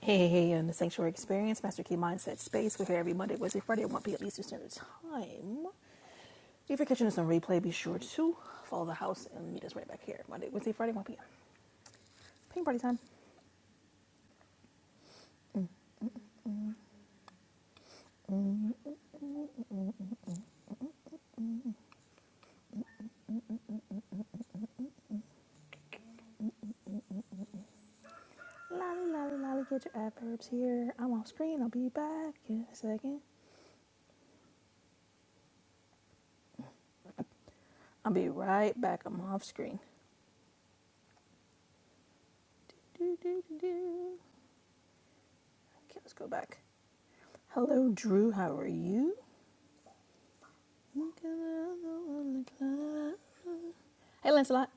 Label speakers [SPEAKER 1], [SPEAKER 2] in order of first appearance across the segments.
[SPEAKER 1] Hey, hey, hey, on the Sanctuary Experience, Master Key Mindset Space. We're here every Monday, Wednesday, Friday at 1 p.m. Eastern Standard Time. If you're catching us on replay, be sure to follow the house and meet us right back here. Monday, Wednesday, Friday, 1 p.m. Ping party time. Lolly, lolly, lolly, get your adverbs here. I'm off screen. I'll be back in a second. I'll be right back. I'm off screen. Do, do, do, do. Okay, let's go back. Hello, Drew. How are you? Hey, Lancelot.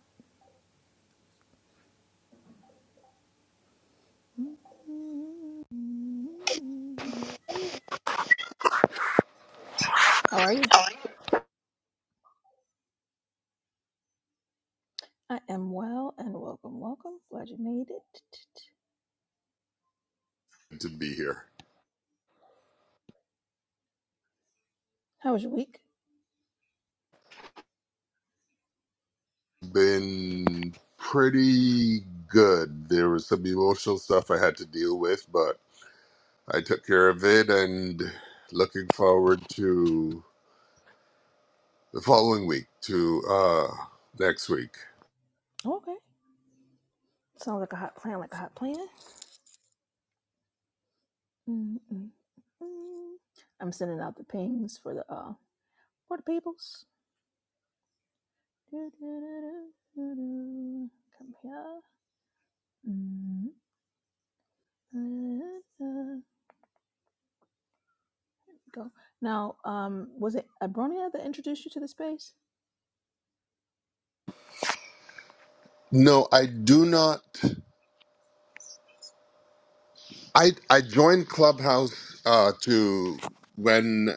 [SPEAKER 1] How are you? I am well and welcome, welcome. Glad you made it.
[SPEAKER 2] to be here.
[SPEAKER 1] How was your week?
[SPEAKER 2] Been pretty good. There was some emotional stuff I had to deal with, but I took care of it and looking forward to the following week, to uh, next week.
[SPEAKER 1] Oh, okay. Sounds like a hot plan, like a hot plan. mm mm mm. I'm sending out the pings for the uh for the peoples. Do-do-do-do-do-do. Come here. Mm-mm-mm. Go. Now, um, was it Abronia that introduced you to the space?
[SPEAKER 2] No, I do not. I I joined Clubhouse uh, to when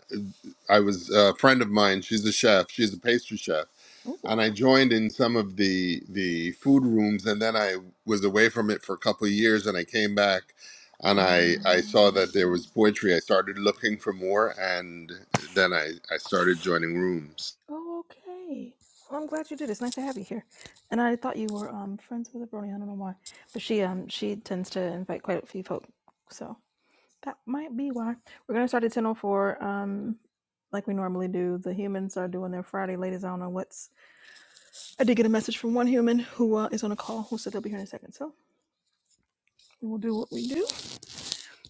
[SPEAKER 2] I was a friend of mine. She's a chef. She's a pastry chef,
[SPEAKER 1] Ooh.
[SPEAKER 2] and I joined in some of the the food rooms, and then I was away from it for a couple of years, and I came back, and I I saw
[SPEAKER 1] Uh,
[SPEAKER 2] that there was poetry. I started looking for more, and then I I started joining rooms.
[SPEAKER 1] Oh, okay. Well, I'm glad you did. It's nice to have you here. And I thought you were um friends with a brony. I don't know why, but she um she tends to invite quite a few folk, so that might be why. We're gonna start at ten o four. Um, like we normally do. The humans are doing their Friday, ladies. I don't know what's. I did get a message from one human who uh, is on a call who said they'll be here in a second. So we will do what we do.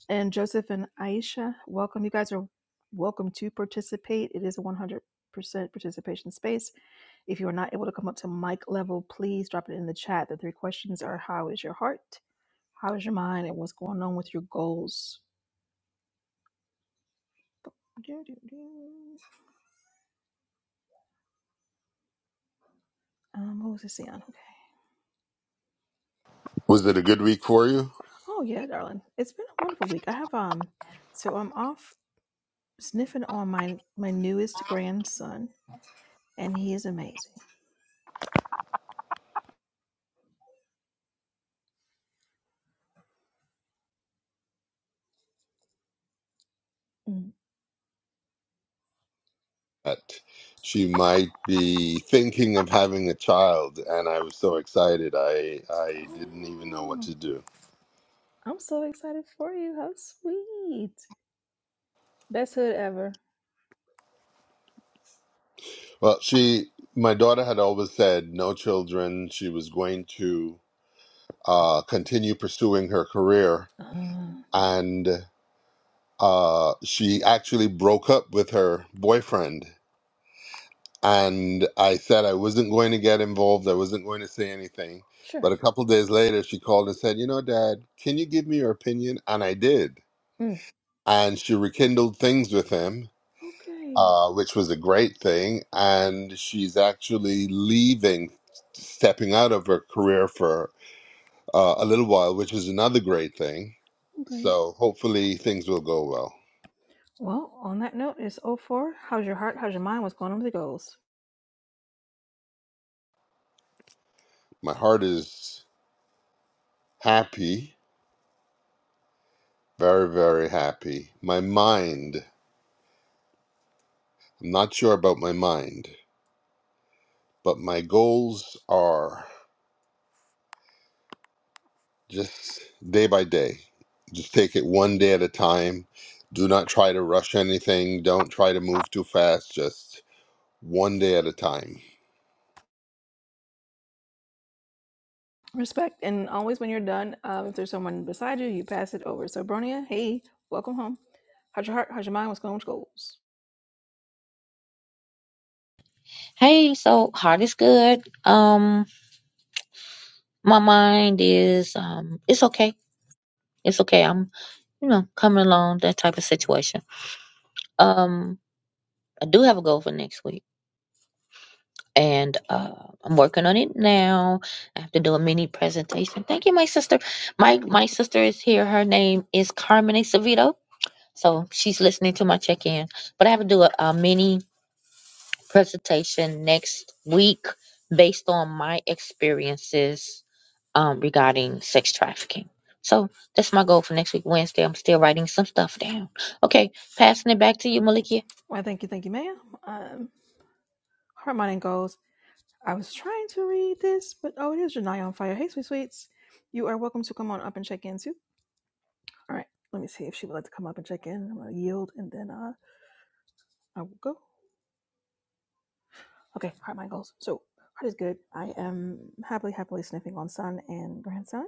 [SPEAKER 1] And Joseph and Aisha, welcome. You guys are welcome to participate. It is a one hundred percent participation space If you are not able to come up to mic level, please drop it in the chat. The three questions are how is your heart? How is your mind? And what's going on with your goals? Um, what was I saying? Okay.
[SPEAKER 2] Was it a good week for you?
[SPEAKER 1] Oh yeah, darling. It's been a wonderful week. I have um so I'm off sniffing on my my newest grandson, and he is amazing. Mm.
[SPEAKER 2] that she might be thinking of having a child and i was so excited i i didn't even know what
[SPEAKER 1] Oh,
[SPEAKER 2] to do
[SPEAKER 1] I'm so excited for you. How sweet. Best hood ever.
[SPEAKER 2] well she my daughter had always said no children she was going to uh continue pursuing her career
[SPEAKER 1] Uh,
[SPEAKER 2] and uh she actually broke up with her boyfriend and i said i wasn't going to get involved i wasn't going to say anything
[SPEAKER 1] sure.
[SPEAKER 2] but a couple days later she called and said you know dad can you give me your opinion and i did
[SPEAKER 1] Mm.
[SPEAKER 2] and she rekindled things with him,
[SPEAKER 1] Okay.
[SPEAKER 2] uh, which was a great thing. And she's actually leaving, stepping out of her career for uh, a little while, which is another great thing.
[SPEAKER 1] Okay.
[SPEAKER 2] So hopefully things will go well.
[SPEAKER 1] Well, on that note, it's oh 04. How's your heart? How's your mind? What's going on with the goals?
[SPEAKER 2] My heart is happy, very, very happy. My mind, I'm not sure about my mind, but my goals are. just day by day. Just take it one day at a time. Do not try to rush anything. Don't try to move too fast. Just one day at a time.
[SPEAKER 1] Respect. And always, when you're done, um, if there's someone beside you, you pass it over. So, Bronia, hey, welcome home. How's your heart? How's your mind? What's going on with your goals?
[SPEAKER 3] Hey, so heart is good. Um, my mind is um, it's okay. It's okay. I'm, you know, coming along that type of situation. Um, I do have a goal for next week, and uh, I'm working on it now. I have to do a mini presentation. Thank you, my sister. My my sister is here. Her name is Carmen Acevedo. So she's listening to my check-in, but I have to do a, a mini presentation next week based on my experiences um, regarding sex trafficking. So that's my goal for next week, Wednesday. I'm still writing some stuff down. Okay, passing it back to you, Malikia.
[SPEAKER 1] Well, thank you, thank you, ma'am. Um, heart, mind, and goals. I was trying to read this, but oh, it is Janai on fire. Hey, sweet sweets. You are welcome to come on up and check in, too. All right, let me see if she would like to come up and check in. I'm going to yield and then uh, I will go. Okay, heart mind goals. So heart is good. I am happily, happily sniffing on son and grandson.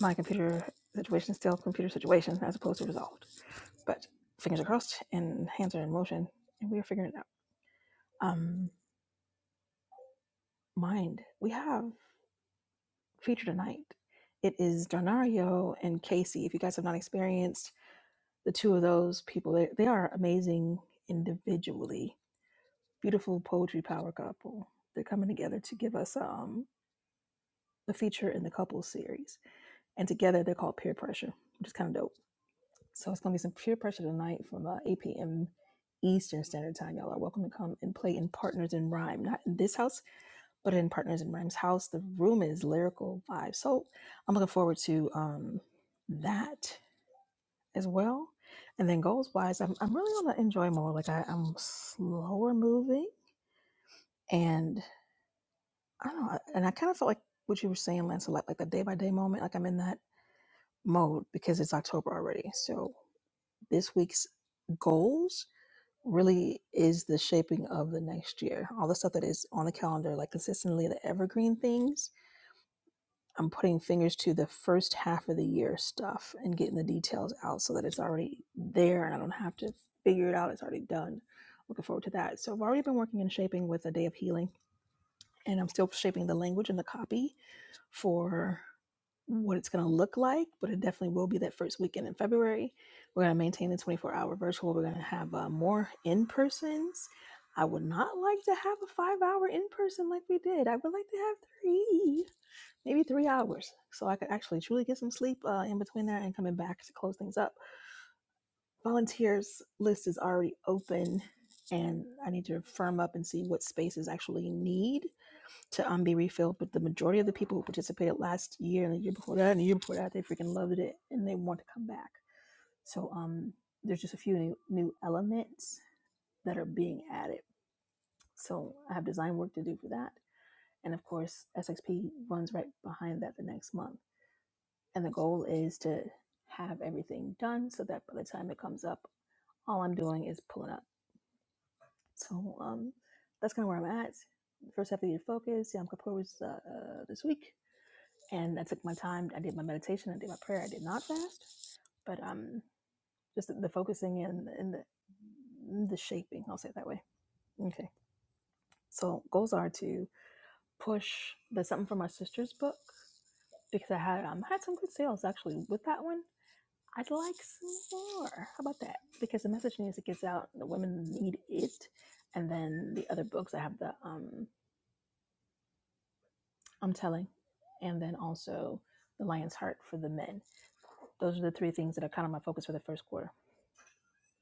[SPEAKER 1] My computer situation is still computer situation as opposed to resolved. But fingers are crossed and hands are in motion and we are figuring it out. Um mind. We have feature tonight. It is Darnario and Casey. If you guys have not experienced the two of those people, they, they are amazing individually. Beautiful poetry power couple. They're coming together to give us um the feature in the couple series and together they're called peer pressure, which is kind of dope. So it's gonna be some peer pressure tonight from uh, 8 p.m. Eastern Standard Time. Y'all are welcome to come and play in Partners in Rhyme, not in this house, but in Partners in Rhyme's house. The room is lyrical vibe, so I'm looking forward to um, that as well. And then goals wise, I'm, I'm really on the enjoy mode. Like I, I'm slower moving, and I don't know. And I kind of felt like what you were saying, Lance, like like the day by day moment. Like I'm in that mode because it's October already. So this week's goals really is the shaping of the next year. All the stuff that is on the calendar, like consistently the evergreen things, I'm putting fingers to the first half of the year stuff and getting the details out so that it's already there and I don't have to figure it out. It's already done. Looking forward to that. So I've already been working in shaping with a day of healing and I'm still shaping the language and the copy for what it's going to look like, but it definitely will be that first weekend in February. We're going to maintain the 24 hour virtual. We're going to have uh, more in persons. I would not like to have a five hour in person like we did. I would like to have three, maybe three hours, so I could actually truly get some sleep uh, in between that and coming back to close things up. Volunteers list is already open, and I need to firm up and see what spaces actually need to um, be refilled. But the majority of the people who participated last year and the year before that and the year before that, they freaking loved it and they want to come back. So um, there's just a few new, new elements that are being added. So I have design work to do for that. And of course, SXP runs right behind that the next month. And the goal is to have everything done so that by the time it comes up, all I'm doing is pulling up. So um, that's kind of where I'm at. First half of the year focus. Yeah, I'm composed uh, uh, this week and I took my time. I did my meditation. I did my prayer. I did not fast, but um, just the, the focusing and and the the shaping. I'll say it that way. Okay. So goals are to push the something from my sister's book because I had um had some good sales actually with that one. I'd like some more. How about that? Because the message needs to get out. The women need it, and then the other books I have the um I'm telling, and then also the Lion's Heart for the men. Those are the three things that are kind of my focus for the first quarter.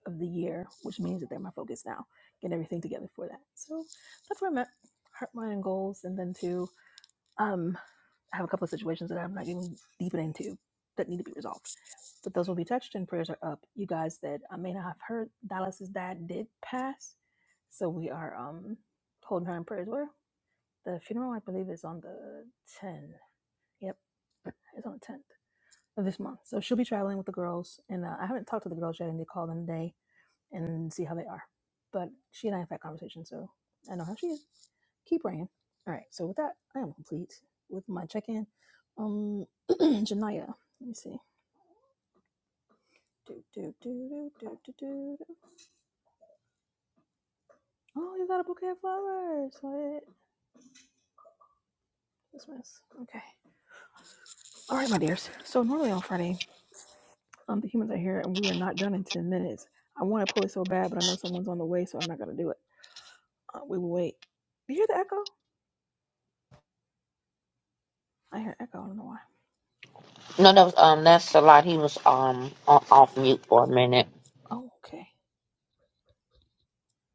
[SPEAKER 1] of the year, which means that they're my focus now. Getting everything together for that. So that's where I'm at. Heart, mind, and goals. And then to um I have a couple of situations that I'm not even deep into that need to be resolved. But those will be touched and prayers are up. You guys that I may not have heard, Dallas's dad did pass. So we are um holding her in prayers. Where the funeral I believe is on the 10. Yep, it's on the 10th of this month. So she'll be traveling with the girls. And uh, I haven't talked to the girls yet and they called in today and see how they are. But she and I have had conversations, so I know how she is. Keep praying. All right. So with that, I am complete with my check-in. Um, Janaya, let me see. do, do, do, do, do, do. do. Oh, you got a bouquet of flowers. What? Christmas. Okay. All right, my dears. So normally on Friday, um, the humans are here and we are not done in ten minutes. I want to pull it so bad, but I know someone's on the way, so I'm not gonna do it. Uh, we will wait. You hear the echo? I hear echo. I don't know why.
[SPEAKER 3] No, no, um, that's a lot. He was um o- off mute for a minute.
[SPEAKER 1] Oh, okay.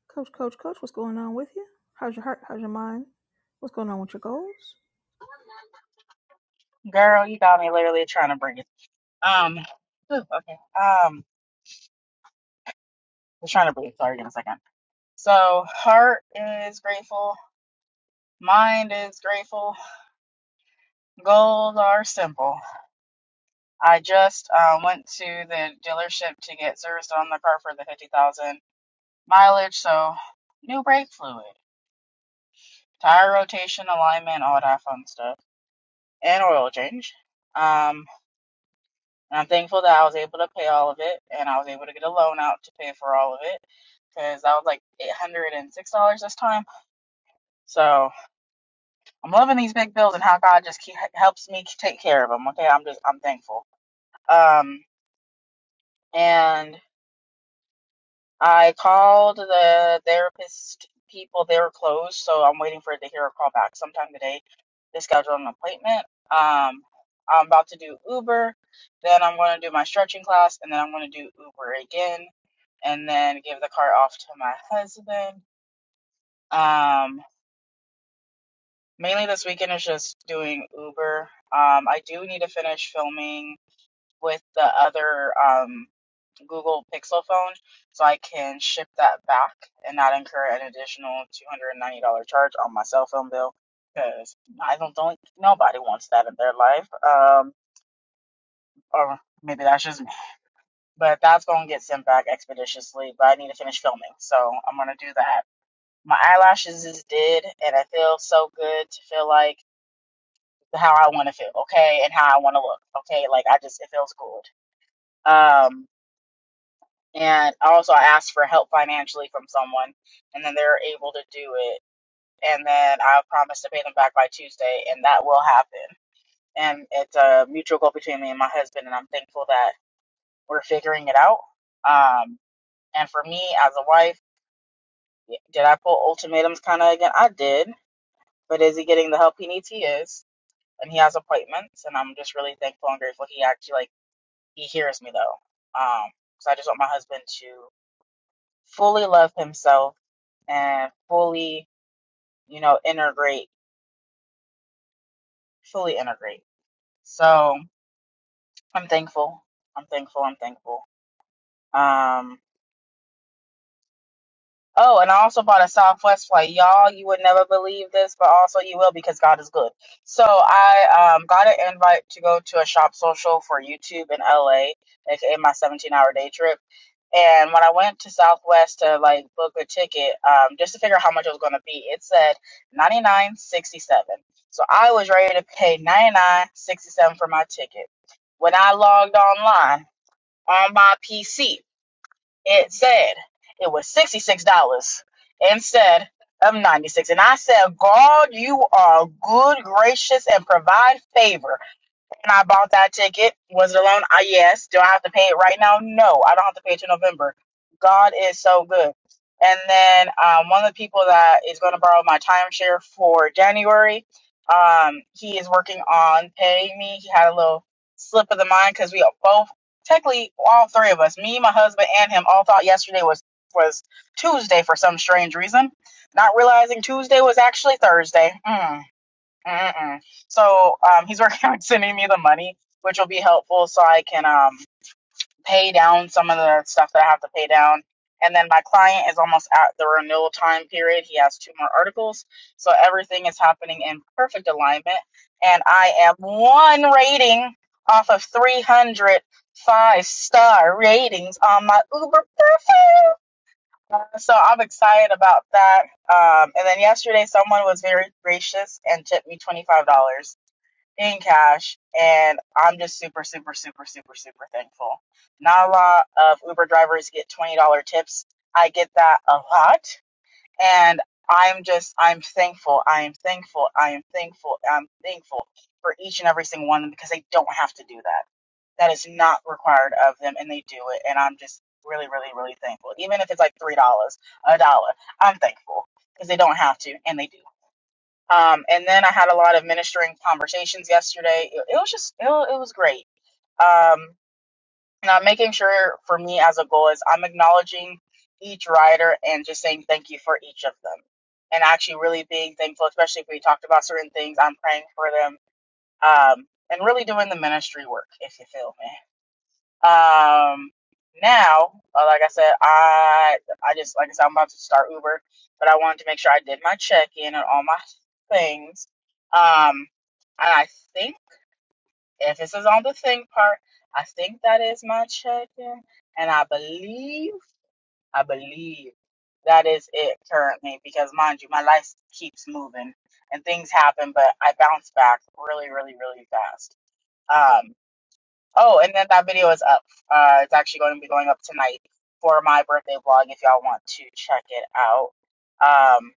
[SPEAKER 1] Coach, coach, coach, what's going on with you? How's your heart? How's your mind? What's going on with your goals?
[SPEAKER 4] Girl, you got me literally trying to breathe. Um, whew, okay. Um, I was trying to breathe. Sorry, give me a second. So, heart is grateful. Mind is grateful. Goals are simple. I just uh, went to the dealership to get serviced on the car for the 50,000 mileage. So, new brake fluid, tire rotation, alignment, all that fun stuff, and oil change. Um, And I'm thankful that I was able to pay all of it and I was able to get a loan out to pay for all of it because I was like $806 this time. So I'm loving these big bills and how God just keep, helps me take care of them. Okay. I'm just, I'm thankful. Um, and. I called the therapist people. They were closed, so I'm waiting for it to hear a call back sometime today to schedule an appointment. Um, I'm about to do Uber, then I'm going to do my stretching class, and then I'm going to do Uber again, and then give the car off to my husband. Um, mainly this weekend is just doing Uber. Um, I do need to finish filming with the other. um, Google Pixel phone so I can ship that back and not incur an additional $290 charge on my cell phone bill because I don't think nobody wants that in their life. Um, or maybe that's just me. But that's going to get sent back expeditiously, but I need to finish filming. So I'm going to do that. My eyelashes is did, and I feel so good to feel like how I want to feel, okay, and how I want to look, okay. Like I just, it feels good. Um, and also I asked for help financially from someone, and then they're able to do it. And then I promised to pay them back by Tuesday, and that will happen. And it's a mutual goal between me and my husband, and I'm thankful that we're figuring it out. Um, and for me as a wife, did I pull ultimatums kind of again? I did, but is he getting the help he needs? He is, and he has appointments, and I'm just really thankful and grateful he actually like he hears me though. Um, because I just want my husband to fully love himself and fully, you know, integrate, fully integrate. So I'm thankful. I'm thankful. I'm thankful. Um. Oh, and I also bought a Southwest flight. Y'all, you would never believe this, but also you will because God is good. So I um, got an invite to go to a shop social for YouTube in LA, aka my 17 hour day trip. And when I went to Southwest to like book a ticket, um, just to figure out how much it was going to be, it said 99.67. So I was ready to pay 99.67 for my ticket. When I logged online on my PC, it said it was $66 instead of 96 And I said, God, you are good, gracious, and provide favor and I bought that ticket. Was it alone? I yes. Do I have to pay it right now? No, I don't have to pay it till November. God is so good. And then um, one of the people that is going to borrow my timeshare for January, um, he is working on paying me. He had a little slip of the mind because we both, technically, all three of us, me, my husband, and him, all thought yesterday was was Tuesday for some strange reason. Not realizing Tuesday was actually Thursday. Mm. Mm-mm. So um, he's working on sending me the money, which will be helpful so I can um, pay down some of the stuff that I have to pay down. And then my client is almost at the renewal time period. He has two more articles. So everything is happening in perfect alignment. And I am one rating off of 305 star ratings on my Uber profile. Uh, So I'm excited about that. Um, and then yesterday, someone was very gracious and tipped me $25. in cash and i'm just super super super super super thankful not a lot of uber drivers get $20 tips i get that a lot and i'm just i'm thankful i am thankful i am thankful i'm thankful for each and every single one of them because they don't have to do that that is not required of them and they do it and i'm just really really really thankful even if it's like three dollars a dollar i'm thankful because they don't have to and they do um, and then I had a lot of ministering conversations yesterday. It, it was just, it, wa- it was great. Um, and I'm making sure for me as a goal is I'm acknowledging each rider and just saying thank you for each of them. And actually really being thankful, especially if we talked about certain things, I'm praying for them. Um, and really doing the ministry work, if you feel me. Um, now, uh, like I said, I I just like I said, I'm about to start Uber, but I wanted to make sure I did my check in and all my things. Um, and I think if this is on the thing part, I think that is my check in, and I believe I believe that is it currently because mind you, my life keeps moving and things happen, but I bounce back really, really, really fast. Um. Oh, and then that video is up. Uh, it's actually going to be going up tonight for my birthday vlog if y'all want to check it out. Um,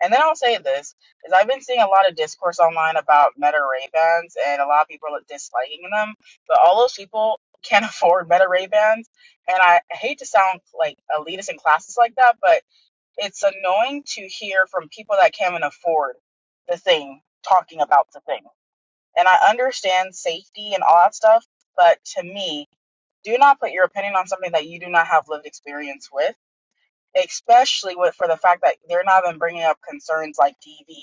[SPEAKER 4] and then I'll say this is I've been seeing a lot of discourse online about Meta Ray Bans and a lot of people are disliking them, but all those people can't afford Meta Ray Bans, and I hate to sound like elitist in classes like that, but it's annoying to hear from people that can't even afford the thing talking about the thing. And I understand safety and all that stuff, but to me, do not put your opinion on something that you do not have lived experience with, especially with for the fact that they're not even bringing up concerns like DV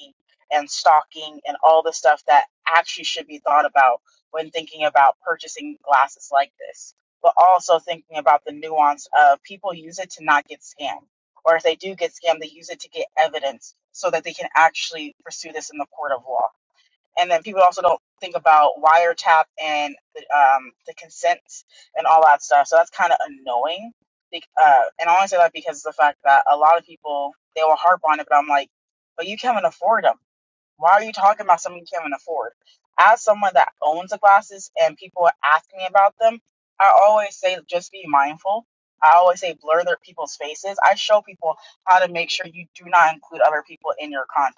[SPEAKER 4] and stalking and all the stuff that actually should be thought about when thinking about purchasing glasses like this. But also thinking about the nuance of people use it to not get scammed or if they do get scammed, they use it to get evidence so that they can actually pursue this in the court of law and then people also don't think about wiretap and the, um, the consents and all that stuff. So that's kind of annoying. Uh, and I only say that because of the fact that a lot of people they will harp on it, but I'm like, but you can't even afford them. Why are you talking about something you can't afford? As someone that owns the glasses and people ask me about them, I always say just be mindful. I always say blur their people's faces. I show people how to make sure you do not include other people in your content.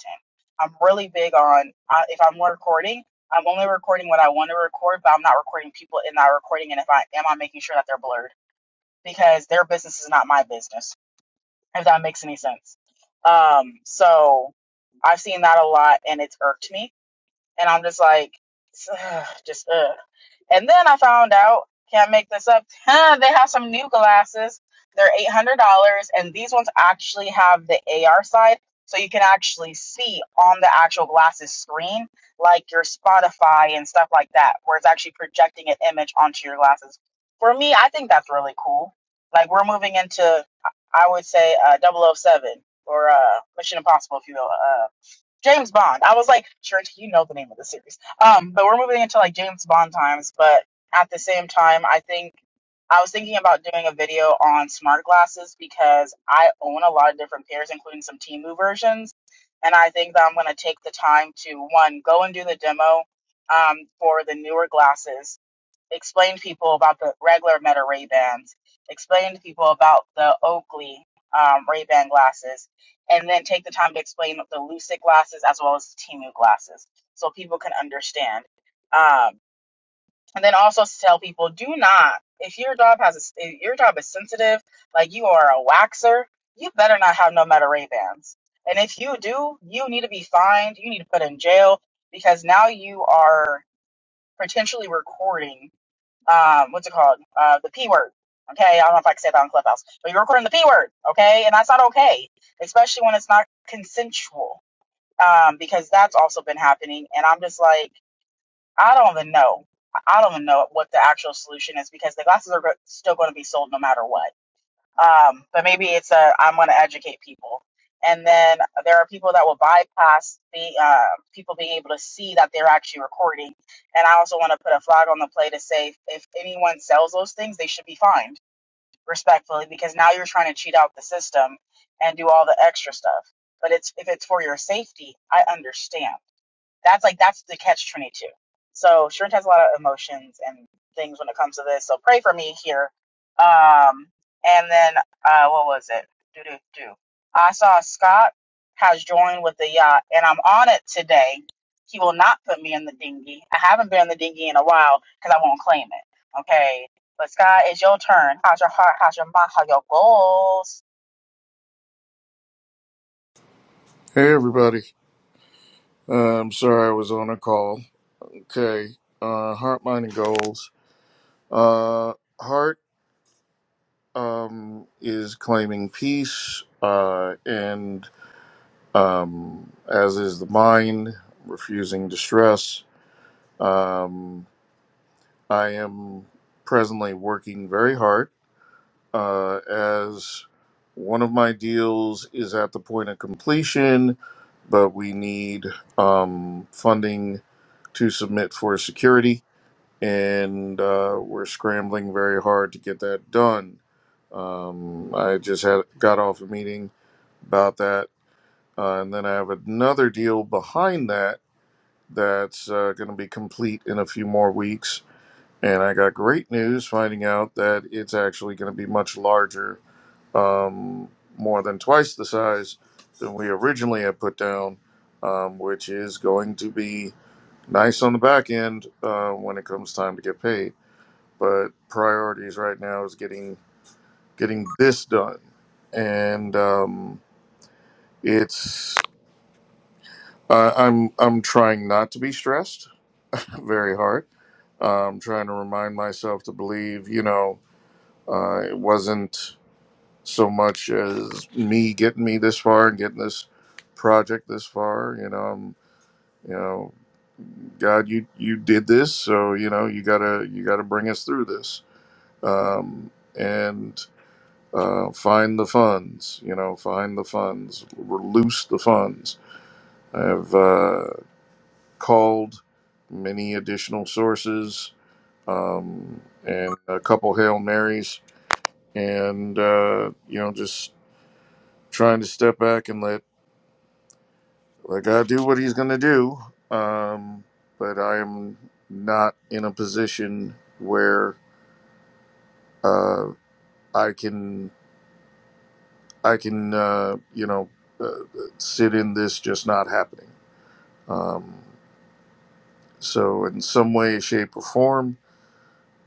[SPEAKER 4] I'm really big on uh, if I'm recording, I'm only recording what I want to record, but I'm not recording people in that recording. And if I am, I'm making sure that they're blurred because their business is not my business. If that makes any sense. Um, so I've seen that a lot, and it's irked me and I'm just like, ugh, just ugh. And then I found out, can't make this up. huh, they have some new glasses. They're eight hundred dollars, and these ones actually have the AR side, so you can actually see on the actual glasses screen, like your Spotify and stuff like that, where it's actually projecting an image onto your glasses. For me, I think that's really cool. Like we're moving into, I would say, uh, double oh 007 or uh, Mission Impossible, if you will, uh, James Bond. I was like, sure, you know the name of the series. Um, but we're moving into like James Bond times. But at the same time, I think I was thinking about doing a video on smart glasses because I own a lot of different pairs, including some Timu versions. And I think that I'm going to take the time to one, go and do the demo um, for the newer glasses explain to people about the regular Meta Ray Bans, explain to people about the Oakley um, Ray Ban glasses, and then take the time to explain the Lucid glasses as well as the Timu glasses so people can understand. Um, and then also tell people do not, if your job has a, s- if your job is sensitive, like you are a waxer, you better not have no Meta Ray Bans. And if you do, you need to be fined, you need to put in jail because now you are potentially recording um, what's it called? Uh, the P word. Okay, I don't know if I can say that on Clubhouse, but you're recording the P word. Okay, and that's not okay, especially when it's not consensual, um, because that's also been happening. And I'm just like, I don't even know. I don't even know what the actual solution is because the glasses are go- still going to be sold no matter what. Um, but maybe it's a I'm going to educate people. And then there are people that will bypass the uh, people being able to see that they're actually recording. And I also want to put a flag on the play to say if anyone sells those things, they should be fined respectfully because now you're trying to cheat out the system and do all the extra stuff. But it's if it's for your safety, I understand that's like that's the catch 22 so Shrint has a lot of emotions and things when it comes to this so pray for me here um and then uh what was it do do do i saw scott has joined with the yacht and i'm on it today he will not put me in the dinghy i haven't been in the dinghy in a while because i won't claim it okay but scott it's your turn how's your heart how's your mind how's your goals
[SPEAKER 5] Hey everybody. Uh, I'm sorry I was on a call. Okay. Uh, heart, mind, and goals. Uh, heart um, is claiming peace, uh, and um, as is the mind, refusing distress. Um, I am presently working very hard uh, as one of my deals is at the point of completion, but we need um, funding to submit for security and uh, we're scrambling very hard to get that done. Um, I just had got off a meeting about that, uh, and then I have another deal behind that that's uh, going to be complete in a few more weeks. And I got great news finding out that it's actually going to be much larger, um, more than twice the size than we originally had put down, um, which is going to be nice on the back end uh, when it comes time to get paid but priorities right now is getting getting this done and um, it's I i'm i'm trying not to be stressed very hard i'm trying to remind myself to believe you know uh, it wasn't so much as me getting me this far and getting this project this far you know i'm you know god you you did this so you know you gotta you gotta bring us through this um, and Uh, find the funds, you know, find the funds, release the funds. I have uh, called many additional sources um, and a couple Hail Marys and, uh, you know, just trying to step back and let, let God do what he's going to do. Um, but I am not in a position where uh, I can, I can, uh, you know, uh, sit in this just not happening. Um, So, in some way, shape, or form,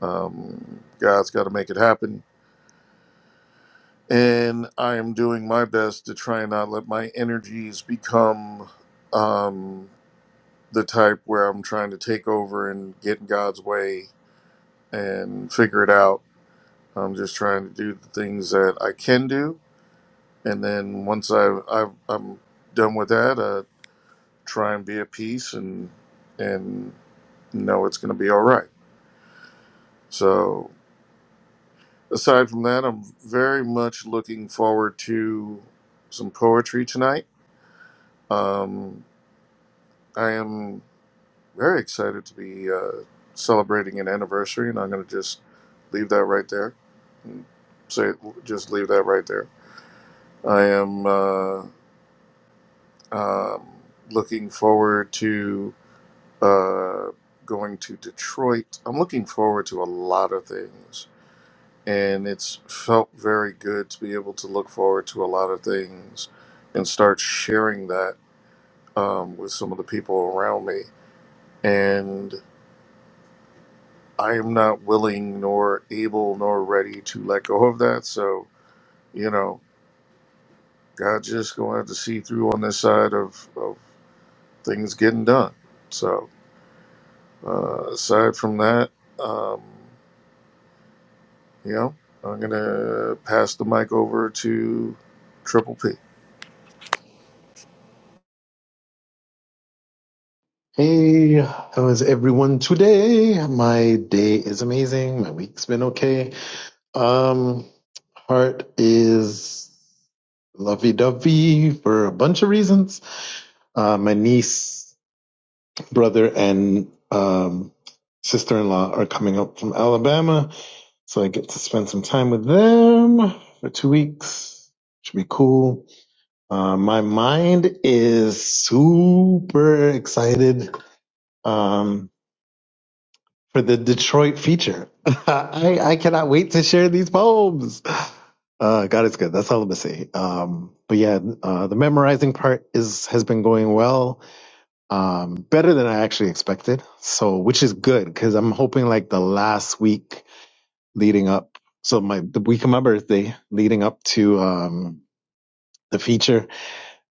[SPEAKER 5] um, God's got to make it happen. And I am doing my best to try and not let my energies become um, the type where I'm trying to take over and get in God's way and figure it out. I'm just trying to do the things that I can do. And then once I've, I've, I'm done with that, uh, try and be at peace and, and know it's going to be all right. So aside from that, I'm very much looking forward to some poetry tonight. Um, I am very excited to be uh, celebrating an anniversary, and I'm going to just leave that right there. Mm, say, just leave that right there. I am uh, um, looking forward to uh, going to Detroit. I'm looking forward to a lot of things and it's felt very good to be able to look forward to a lot of things and start sharing that um, with some of the people around me. And I am not willing, nor able, nor ready to let go of that. So, you know, God just gonna have to see through on this side of, of things getting done. So, uh, aside from that, um, you know, I'm gonna pass the mic over to Triple P.
[SPEAKER 6] Hey, how is everyone today? My day is amazing. My week's been okay. Um, heart is lovey-dovey for a bunch of reasons. Uh, my niece, brother, and um, sister-in-law are coming up from Alabama, so I get to spend some time with them for two weeks. Should be cool. Uh, my mind is super excited. Um, for the Detroit feature. I, I cannot wait to share these poems. Uh, God it's good. That's all I'm gonna say. Um, but yeah, uh, the memorizing part is has been going well, um, better than I actually expected. So, which is good because I'm hoping like the last week leading up, so my the week of my birthday leading up to um, the feature,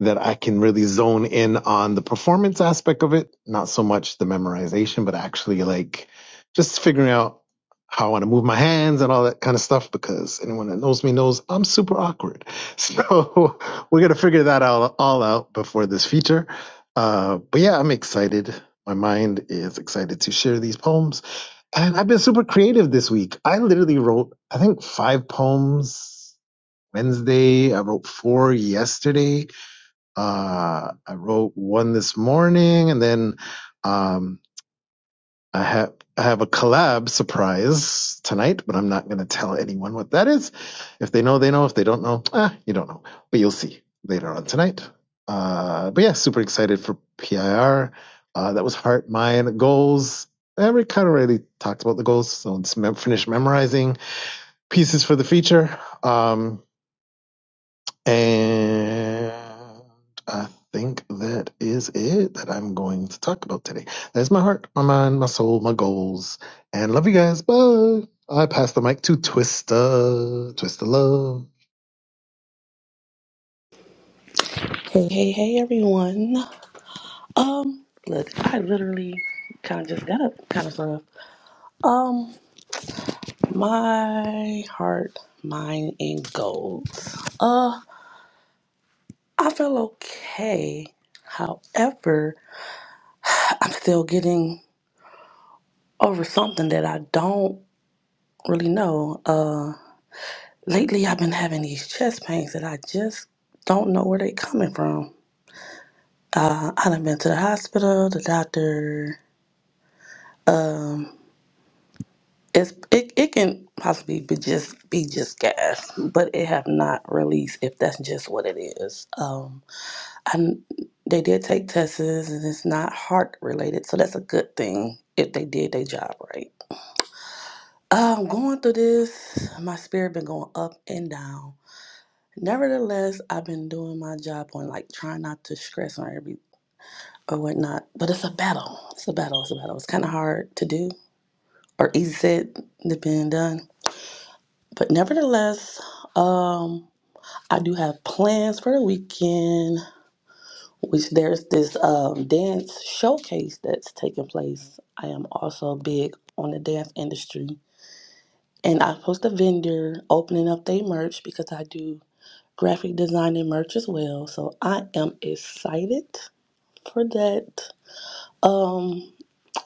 [SPEAKER 6] that I can really zone in on the performance aspect of it, not so much the memorization, but actually like just figuring out how I want to move my hands and all that kind of stuff. Because anyone that knows me knows I'm super awkward, so we're gonna figure that out all out before this feature. Uh, but yeah, I'm excited. My mind is excited to share these poems, and I've been super creative this week. I literally wrote, I think, five poems Wednesday. I wrote four yesterday uh, I wrote one this morning, and then um, I have I have a collab surprise tonight, but I'm not going to tell anyone what that is. If they know, they know. If they don't know, ah, you don't know. But you'll see later on tonight. Uh, but yeah, super excited for PIR. Uh, that was heart, mind, goals. And we kind of already talked about the goals, so it's mem- finish memorizing pieces for the feature. Um, and I think that is it that I'm going to talk about today. That's my heart, my mind, my soul, my goals. And love you guys. Bye. I pass the mic to Twista. Twista love.
[SPEAKER 7] Hey, hey, hey, everyone. Um, look, I literally kind of just got up, kind of sort of. Um, my heart, mind, and goals. Uh, I feel okay. However, I'm still getting over something that I don't really know. Uh, lately I've been having these chest pains that I just don't know where they coming from. Uh, I've been to the hospital, the doctor. um, It's it, it can possibly be just be just gas, but it have not released if that's just what it is. Um, and they did take tests and it's not heart related, so that's a good thing if they did their job right. Um, going through this, my spirit been going up and down. Nevertheless, I've been doing my job on like trying not to stress on every or whatnot, but it's a battle. It's a battle. It's a battle. It's kind of hard to do or easy said than being done But nevertheless, um, I do have plans for the weekend. Which there's this um, dance showcase that's taking place. I am also big on the dance industry, and I post a vendor opening up their merch because I do graphic design and merch as well. So I am excited for that. Um,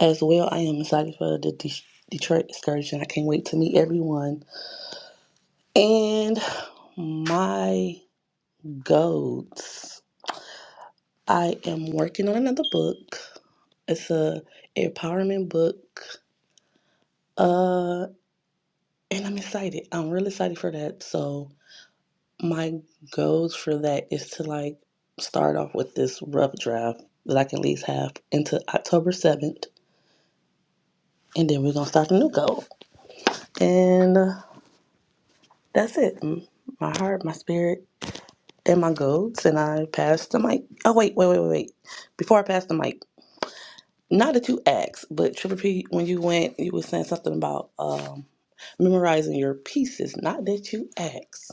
[SPEAKER 7] as well, I am excited for the De- Detroit excursion. I can't wait to meet everyone. And my goats. I am working on another book. It's a empowerment book. Uh and I'm excited. I'm really excited for that. So my goals for that is to like start off with this rough draft that I can at least have into October 7th. And then we're gonna start a new goal. And uh, that's it. My heart, my spirit, and my goals. And I pass the mic. Oh wait, wait, wait, wait, wait. Before I pass the mic. Not that you asked, but Triple P, when you went, you were saying something about um, memorizing your pieces. Not that you asked,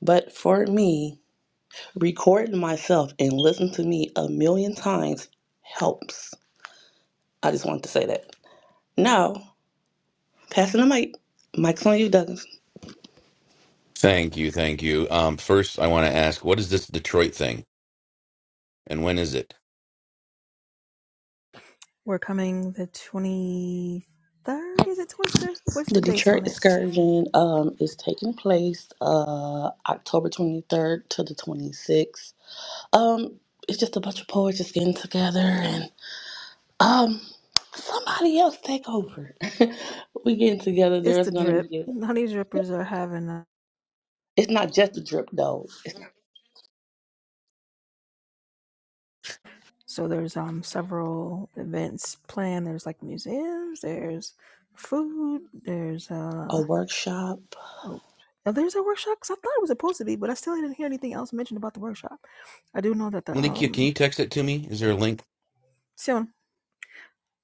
[SPEAKER 7] but for me, recording myself and listening to me a million times helps. I just wanted to say that. Now, passing the mic. Mike's on you, Douglas.
[SPEAKER 8] Thank you, thank you. Um, first, I want to ask, what is this Detroit thing, and when is it?
[SPEAKER 1] We're coming the 23rd, is it Twister? What's the
[SPEAKER 7] The
[SPEAKER 1] dates
[SPEAKER 7] Detroit
[SPEAKER 1] on it?
[SPEAKER 7] excursion um, is taking place uh, October 23rd to the 26th. Um, it's just a bunch of poets just getting together and. Um, somebody else take over. we getting together.
[SPEAKER 1] It's
[SPEAKER 7] There's
[SPEAKER 1] the
[SPEAKER 7] gonna
[SPEAKER 1] drip.
[SPEAKER 7] be.
[SPEAKER 1] The Honey
[SPEAKER 7] A,
[SPEAKER 1] Drippers are having a,
[SPEAKER 7] it's not just a drip though. It's
[SPEAKER 1] so there's um several events planned. There's like museums, there's food, there's
[SPEAKER 7] a
[SPEAKER 1] uh
[SPEAKER 7] workshop.
[SPEAKER 1] oh, oh, there's a workshop 'cause I thought it was supposed to be, but I still didn't hear anything else mentioned about the workshop. I do know that the
[SPEAKER 8] Malikia, can
[SPEAKER 1] um
[SPEAKER 8] you text it to me? Is there a link?
[SPEAKER 1] soon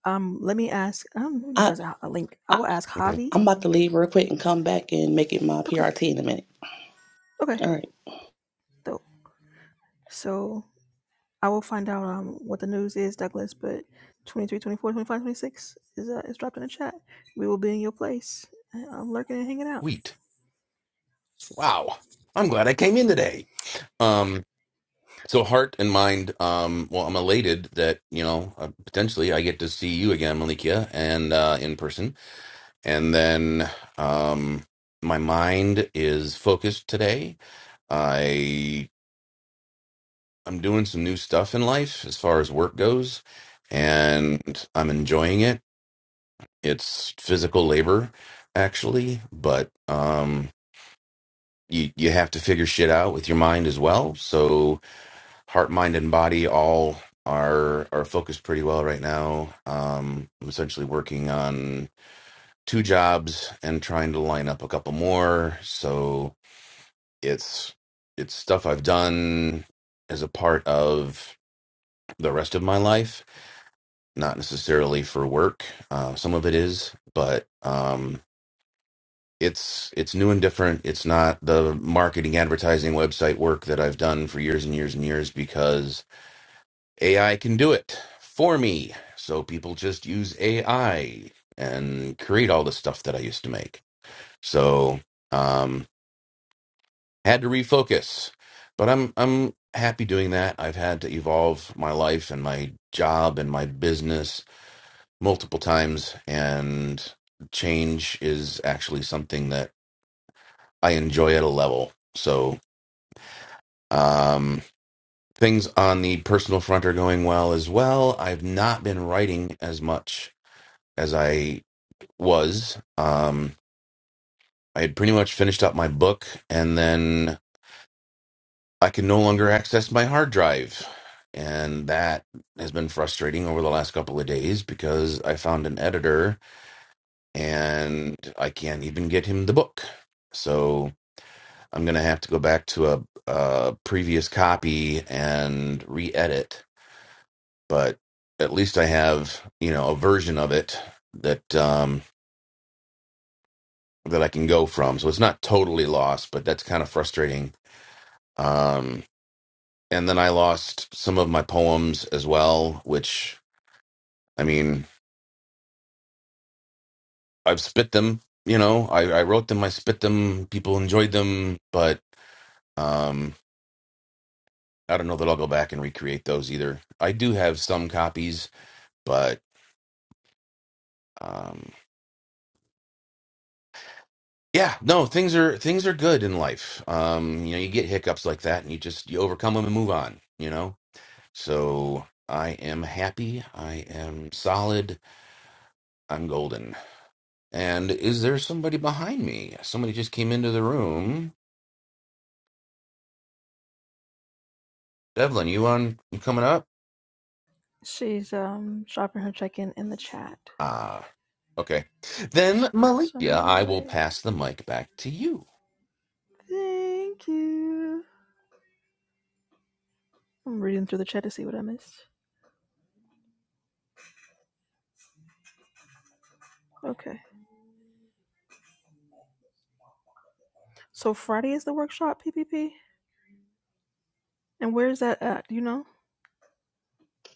[SPEAKER 1] um let me ask I don't know if
[SPEAKER 7] I,
[SPEAKER 1] there's a, a link. I
[SPEAKER 7] I
[SPEAKER 1] will ask
[SPEAKER 8] Okay.
[SPEAKER 1] Javi
[SPEAKER 7] I'm about to leave real quick and come back and make it my
[SPEAKER 1] Okay.
[SPEAKER 7] PRT in a minute.
[SPEAKER 1] Okay.
[SPEAKER 7] All right.
[SPEAKER 1] Dope. So I will find out um what the news is, Douglas, but 23, 24, 25, 26 is uh is dropped in the chat. We will be in your place. I'm lurking and hanging out.
[SPEAKER 8] Sweet. Wow. I'm glad I came in today. Um, so heart and mind. Um, well, I'm elated that you know uh, potentially I get to see you again, Malikia, and uh, in person. And then, um, my mind is focused today. I I'm doing some new stuff in life as far as work goes, and I'm enjoying it It's physical labor, actually, but um, you you have to figure shit out with your mind as well. So heart, mind, and body all are are focused pretty well right now. Um, I'm essentially working on two jobs and trying to line up a couple more. So it's it's stuff I've done as a part of the rest of my life, not necessarily for work. Uh, some of it is, but um, it's it's new and different. It's not the marketing advertising website work that I've done for years and years and years because AI can do it for me. So people just use AI and create all the stuff that I used to make. So um had to refocus. But I'm I'm happy doing that. I've had to evolve my life and my job and my business multiple times and change is actually something that I enjoy at a level. So Um, things on the personal front are going well as well. I've not been writing as much as I was. Um, I had pretty much finished up my book, and then I can no longer access my hard drive. And that has been frustrating over the last couple of days because I found an editor and I can't even get him the book. So I'm going to have to go back to a, a previous copy and re edit but at least I have you know a version of it that um, that I can go from. So it's not totally lost, but that's kind of frustrating. Um, and then I lost some of my poems as well, which I mean I've spit them. You know, I, I wrote them, I spit them, people enjoyed them, but um, I don't know that I'll go back and recreate those either. I do have some copies, but um Yeah, no, things are things are good in life. Um, you know, you get hiccups like that, and you just you overcome them and move on. You know, so I am happy. I am solid. I'm golden. And is there somebody behind me? Somebody just came into the room. Devlin, you on? You coming up?
[SPEAKER 1] She's um dropping her check in in the chat.
[SPEAKER 8] Ah, okay. Then
[SPEAKER 1] So I'm
[SPEAKER 8] Malika,
[SPEAKER 1] gonna
[SPEAKER 8] I will
[SPEAKER 1] wait.
[SPEAKER 8] pass the mic back to you.
[SPEAKER 1] Thank you. I'm reading through the chat to see what I missed. Okay. So Friday is the workshop PPP, and where is that at? Do you know?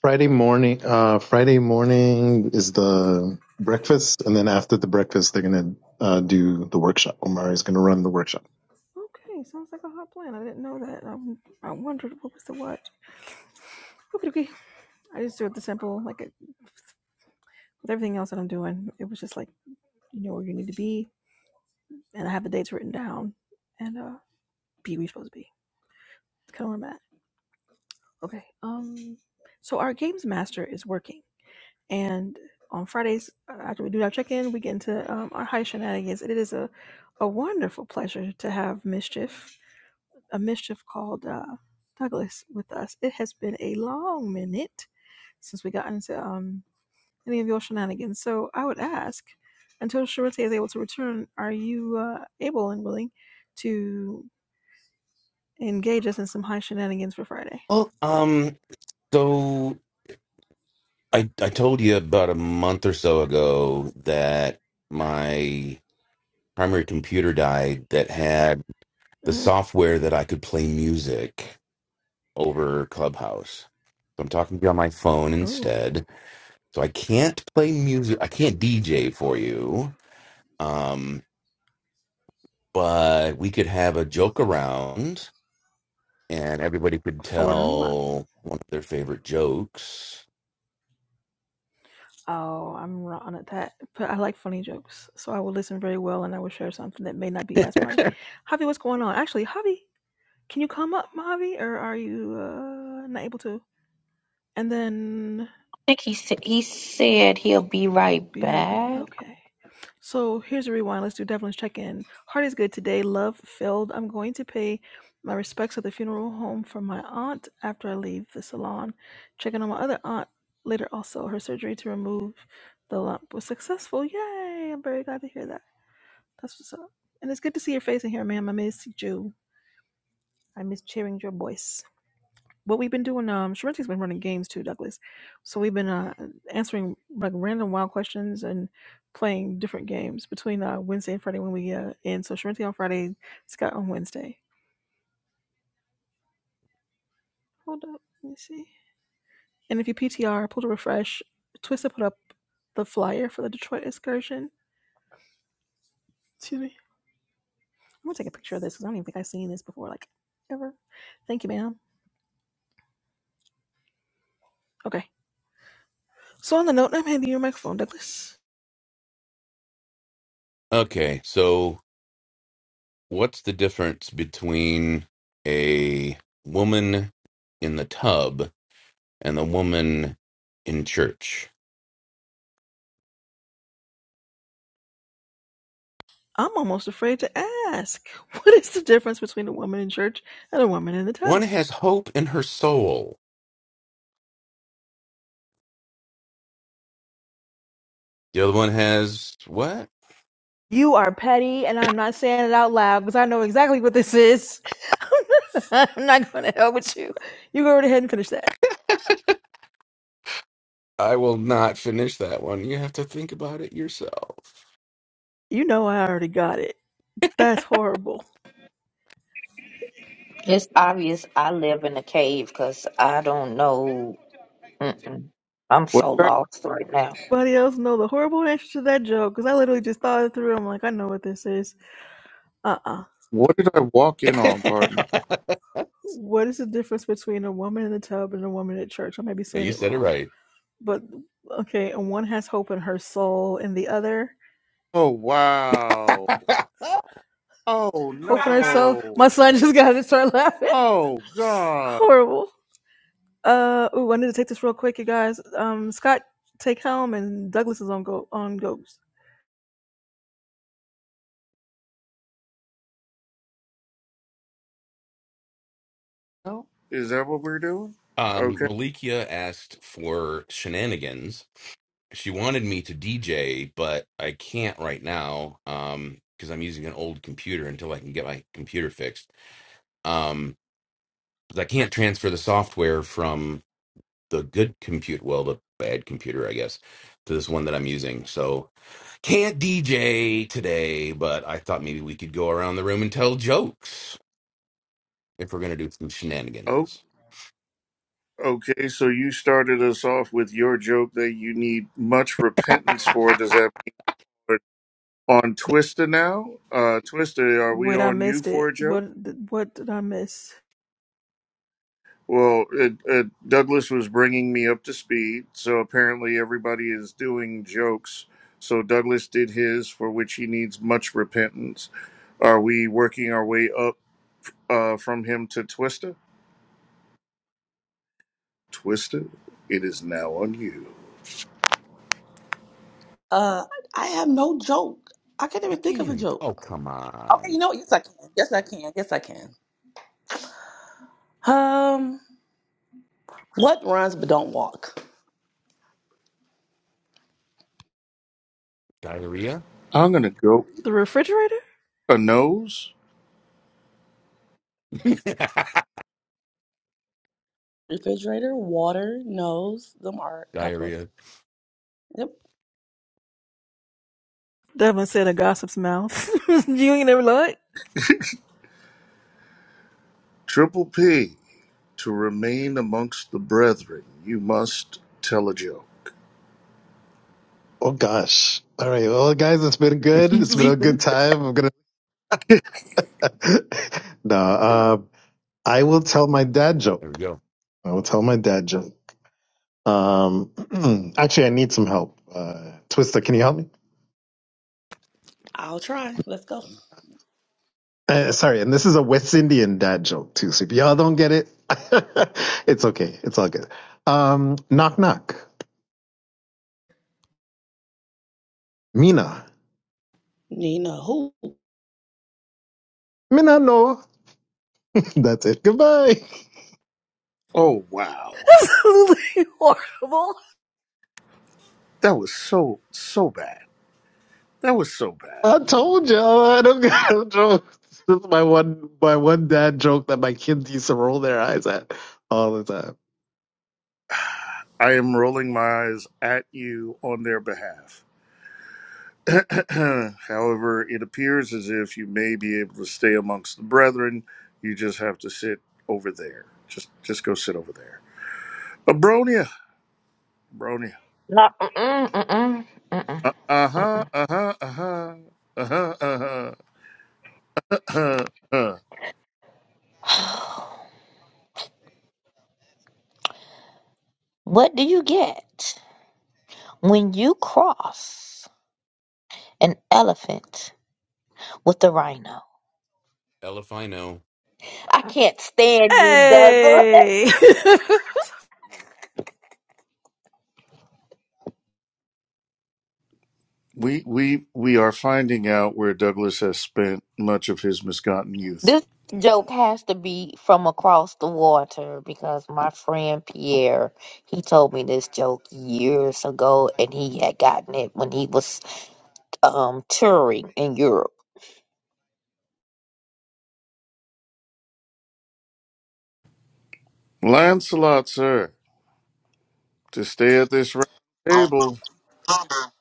[SPEAKER 6] Friday morning. Uh, Friday morning is the breakfast, and then after the breakfast, they're gonna uh, do the workshop. Omari's gonna run the workshop.
[SPEAKER 1] Okay, sounds like a hot plan. I didn't know that. I, I wondered what was the what. Okay, okay. I just do it the simple, like with everything else that I'm doing. It was just like you know where you need to be, and I have the dates written down, and uh, be where you're supposed to be. It's kind of where I'm at. Okay. Um. So our games master is working, and on Fridays uh, after we do our check-in, we get into um, our high shenanigans. It is a a wonderful pleasure to have mischief, a mischief called uh, Douglas, with us. It has been a long minute since we got into um any of your shenanigans. So I would ask, until Sharite is able to return, are you uh, able and willing to engage us in some high shenanigans for Friday?
[SPEAKER 8] Well, um, so I I told you about a month or so ago that my primary computer died that had the
[SPEAKER 1] hmm
[SPEAKER 8] software that I could play music over Clubhouse. So I'm talking to you on my phone
[SPEAKER 1] Oh,
[SPEAKER 8] instead. So I can't play music. I can't DJ for you. Um, but we could have a joke around and everybody could
[SPEAKER 1] forward and a lot.
[SPEAKER 8] tell one of their favorite jokes.
[SPEAKER 1] Oh, I'm wrong at that. But I like funny jokes, so I will listen very well, and I will share something that may not be as funny. Javi, what's going on? Actually, Javi, can you come up, Javi, or are you uh, not able to? And then
[SPEAKER 3] I think he said he said he'll be right
[SPEAKER 1] Be right back.
[SPEAKER 3] back.
[SPEAKER 1] Okay. So here's a rewind. Let's do Devlin's check in. Heart is good today. Love filled. I'm going to pay my respects at the funeral home for my aunt after I leave the salon. Checking on my other aunt later also. Her surgery to remove the lump was successful. Yay! I'm very glad to hear that. That's what's up. And it's good to see your face in here, ma'am. I miss you. I miss hearing your voice. What we've been doing um Sharenti's been running games too, Douglas. So we've been uh answering like random wild questions and playing different games between uh Wednesday and Friday when we uh end. So Sharenti on Friday, Scott on Wednesday. Hold up, let me see. And if you PTR, pull to refresh, Twista put up the flyer for the Detroit excursion. Excuse me. I'm gonna take a picture of this because I don't even think I've seen this before, like ever. Thank you, ma'am. Okay. So on the note, I'm handing you your microphone, Douglas.
[SPEAKER 8] Okay, so what's the difference between a woman in the tub and the woman in church?
[SPEAKER 1] I'm almost afraid to ask. What is the difference between a woman in church and a woman in the
[SPEAKER 8] One
[SPEAKER 1] tub?
[SPEAKER 8] has hope in her soul. The other one has what?
[SPEAKER 1] You are petty, and I'm not saying it out loud because I know exactly what this is. I'm not I'm not going to help with you. You go right ahead and finish that.
[SPEAKER 8] I will not finish that one. You have to think about it yourself.
[SPEAKER 1] You know I already got it. That's horrible.
[SPEAKER 3] It's obvious I live in a cave because I don't know. Mm-mm. I'm
[SPEAKER 5] What?
[SPEAKER 3] so
[SPEAKER 5] did I
[SPEAKER 3] lost right now.
[SPEAKER 1] Anybody else know the horrible answer to that joke? Because I literally just thought it through. I'm like, I know what this is. Uh-uh.
[SPEAKER 5] What did I walk in on,
[SPEAKER 8] yeah,
[SPEAKER 5] partner?
[SPEAKER 1] What is the difference between a woman in the tub and a woman at church? I may be saying
[SPEAKER 8] you
[SPEAKER 1] it
[SPEAKER 8] said it
[SPEAKER 1] wrong.
[SPEAKER 8] right.
[SPEAKER 1] But okay, and one has hope in her soul and the other.
[SPEAKER 5] Oh wow. Oh
[SPEAKER 1] Open herself.
[SPEAKER 5] no.
[SPEAKER 1] My son just got to start laughing.
[SPEAKER 5] Oh god.
[SPEAKER 1] Horrible. Uh, ooh, I need to take this real quick, you guys. Um, Scott take home and Douglas is on go on goes.
[SPEAKER 5] No? Is that what we're doing?
[SPEAKER 8] um,
[SPEAKER 5] Okay.
[SPEAKER 8] Malikia asked for shenanigans. She wanted me to DJ, but I can't right now um, because I'm using an old computer until I can get my computer fixed. Um, 'cause I can't transfer the software from the good compute, well, the bad computer, I guess, to this one that I'm using. So can't DJ today, but I thought maybe we could go around the room and tell jokes if we're gonna do some
[SPEAKER 5] Oh
[SPEAKER 8] shenanigans.
[SPEAKER 5] okay, so you started us off with your joke that you need much repentance for. Does that mean we're on Twister now? Uh Twister, are we
[SPEAKER 1] Wait, I
[SPEAKER 5] on you
[SPEAKER 1] missed
[SPEAKER 5] for
[SPEAKER 1] it.
[SPEAKER 5] a joke?
[SPEAKER 1] What what did I miss?
[SPEAKER 5] Well, it, it, Douglas was bringing me up to speed, so apparently everybody is doing jokes. So Douglas did his, for which he needs much repentance. Are we working our way up uh, from him to Twister? Twister, it is now on you.
[SPEAKER 7] Uh, I have no joke. I can't
[SPEAKER 8] you
[SPEAKER 7] even think
[SPEAKER 8] can't
[SPEAKER 7] of a
[SPEAKER 8] even.
[SPEAKER 7] joke.
[SPEAKER 8] Oh, come
[SPEAKER 7] Okay, you
[SPEAKER 8] on,
[SPEAKER 7] know what? Yes, I can. Yes, I can. Yes, I can. Um, what runs but don't walk?
[SPEAKER 8] diarrhea,
[SPEAKER 5] I'm going to go
[SPEAKER 1] The refrigerator?
[SPEAKER 5] a nose.
[SPEAKER 7] Refrigerator, water, nose. Them are a couple of.
[SPEAKER 8] diarrhea.
[SPEAKER 7] Yep.
[SPEAKER 1] Devin said a gossip's mouth. you ain't never lied.
[SPEAKER 5] Triple P, to remain amongst the brethren, you must tell a joke.
[SPEAKER 6] Oh gosh! All right, well, guys, it's been good.
[SPEAKER 8] He's
[SPEAKER 6] It's been a good
[SPEAKER 8] leaving.
[SPEAKER 6] time. I'm gonna. no, uh, I will tell my dad
[SPEAKER 8] There we
[SPEAKER 6] joke.
[SPEAKER 8] go.
[SPEAKER 6] I will tell my dad joke. Um, actually, I need some help. Uh, Twister, can you help me?
[SPEAKER 7] I'll try. Let's go.
[SPEAKER 6] Uh, sorry, and this is a West Indian dad joke too. So if y'all don't get it, it's okay. It's all good. Um, knock knock. Mina.
[SPEAKER 7] Nina, who?
[SPEAKER 6] Mina no. That's it. Goodbye.
[SPEAKER 5] Oh, wow.
[SPEAKER 1] Absolutely horrible.
[SPEAKER 5] That was so, so bad. That was so bad.
[SPEAKER 6] I told y'all I don't got no jokes. This is my one my one dad joke that my kids used to roll their eyes at all the time.
[SPEAKER 5] I am rolling my eyes at you on their behalf. However, it appears as if you may be able to stay amongst the brethren. You just have to sit over there. Just just go sit over there. Abronia. Abronia.
[SPEAKER 3] No, mm-mm, mm-mm, mm-mm.
[SPEAKER 5] Uh huh. Uh huh. Uh huh. Uh huh. Uh huh. Uh-huh.
[SPEAKER 3] What do you get when you cross an elephant with a rhino?
[SPEAKER 8] L if I know,
[SPEAKER 3] I can't stand you, Douglas.
[SPEAKER 1] Hey!
[SPEAKER 5] We we we are finding out where Douglas has spent much of his misgotten youth.
[SPEAKER 3] This joke has to be from across the water because my friend Pierre, he told me this joke years ago and he had gotten it when he was um touring in Europe.
[SPEAKER 5] Lancelot, sir, to stay at this round table,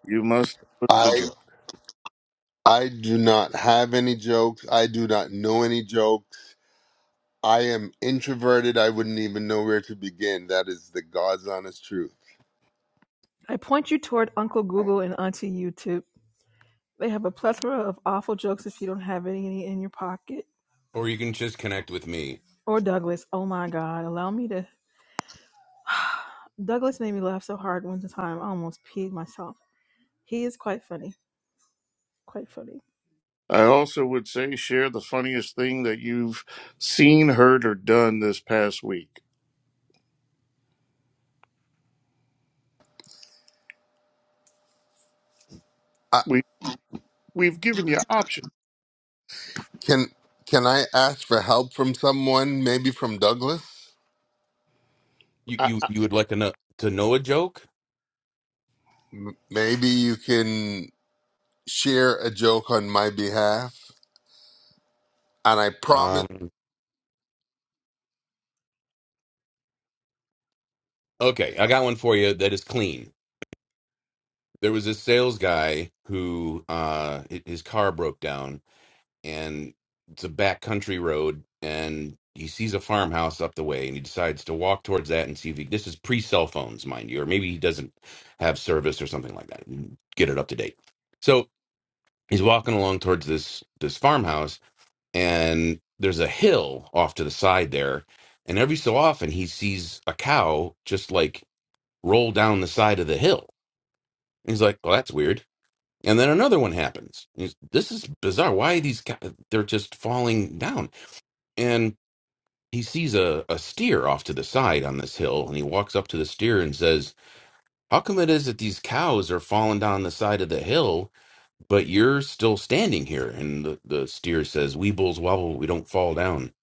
[SPEAKER 5] you must tell us the
[SPEAKER 2] I
[SPEAKER 5] joke.
[SPEAKER 2] I do not have any jokes. I do not know any jokes. I am introverted. I wouldn't even know where to begin. That is the God's honest truth.
[SPEAKER 1] I point you toward Uncle Google and Auntie YouTube. They have a plethora of awful jokes if you don't have any in your pocket.
[SPEAKER 8] or you can just connect with me.
[SPEAKER 1] Or Douglas. Oh my God. Allow me to. Douglas made me laugh so hard one time I almost peed myself. He is quite funny. Quite funny.
[SPEAKER 5] I also would say share the funniest thing that you've seen, heard, or done this past week.
[SPEAKER 2] Uh,
[SPEAKER 5] We we've given you options.
[SPEAKER 2] can can I ask for help from someone? Maybe from Douglas.
[SPEAKER 8] You
[SPEAKER 5] I,
[SPEAKER 8] you
[SPEAKER 5] I,
[SPEAKER 8] you would like to know to know a joke?
[SPEAKER 2] M- Maybe you can share a joke on my behalf. And I promise.
[SPEAKER 8] Um. Okay, I got one for you that is clean. there was this sales guy who uh hi- his car broke down and it's a back country road and he sees a farmhouse up the way and he decides to walk towards that and see if he this is pre cell phones mind you or maybe he doesn't have service or something like that and get it up to date so he's walking along towards this this farmhouse and there's a hill off to the side there and every so often he sees a cow just like roll down the side of the hill and he's like well that's weird and then another one happens. he's- This is bizarre. Why are these guys? They're just falling down. And he sees a, a steer off to the side on this hill, and he walks up to the steer and says, "How come it is that these cows are falling down the side of the hill, but you're still standing here?" And the, the steer says, "We bulls wobble. We don't fall down."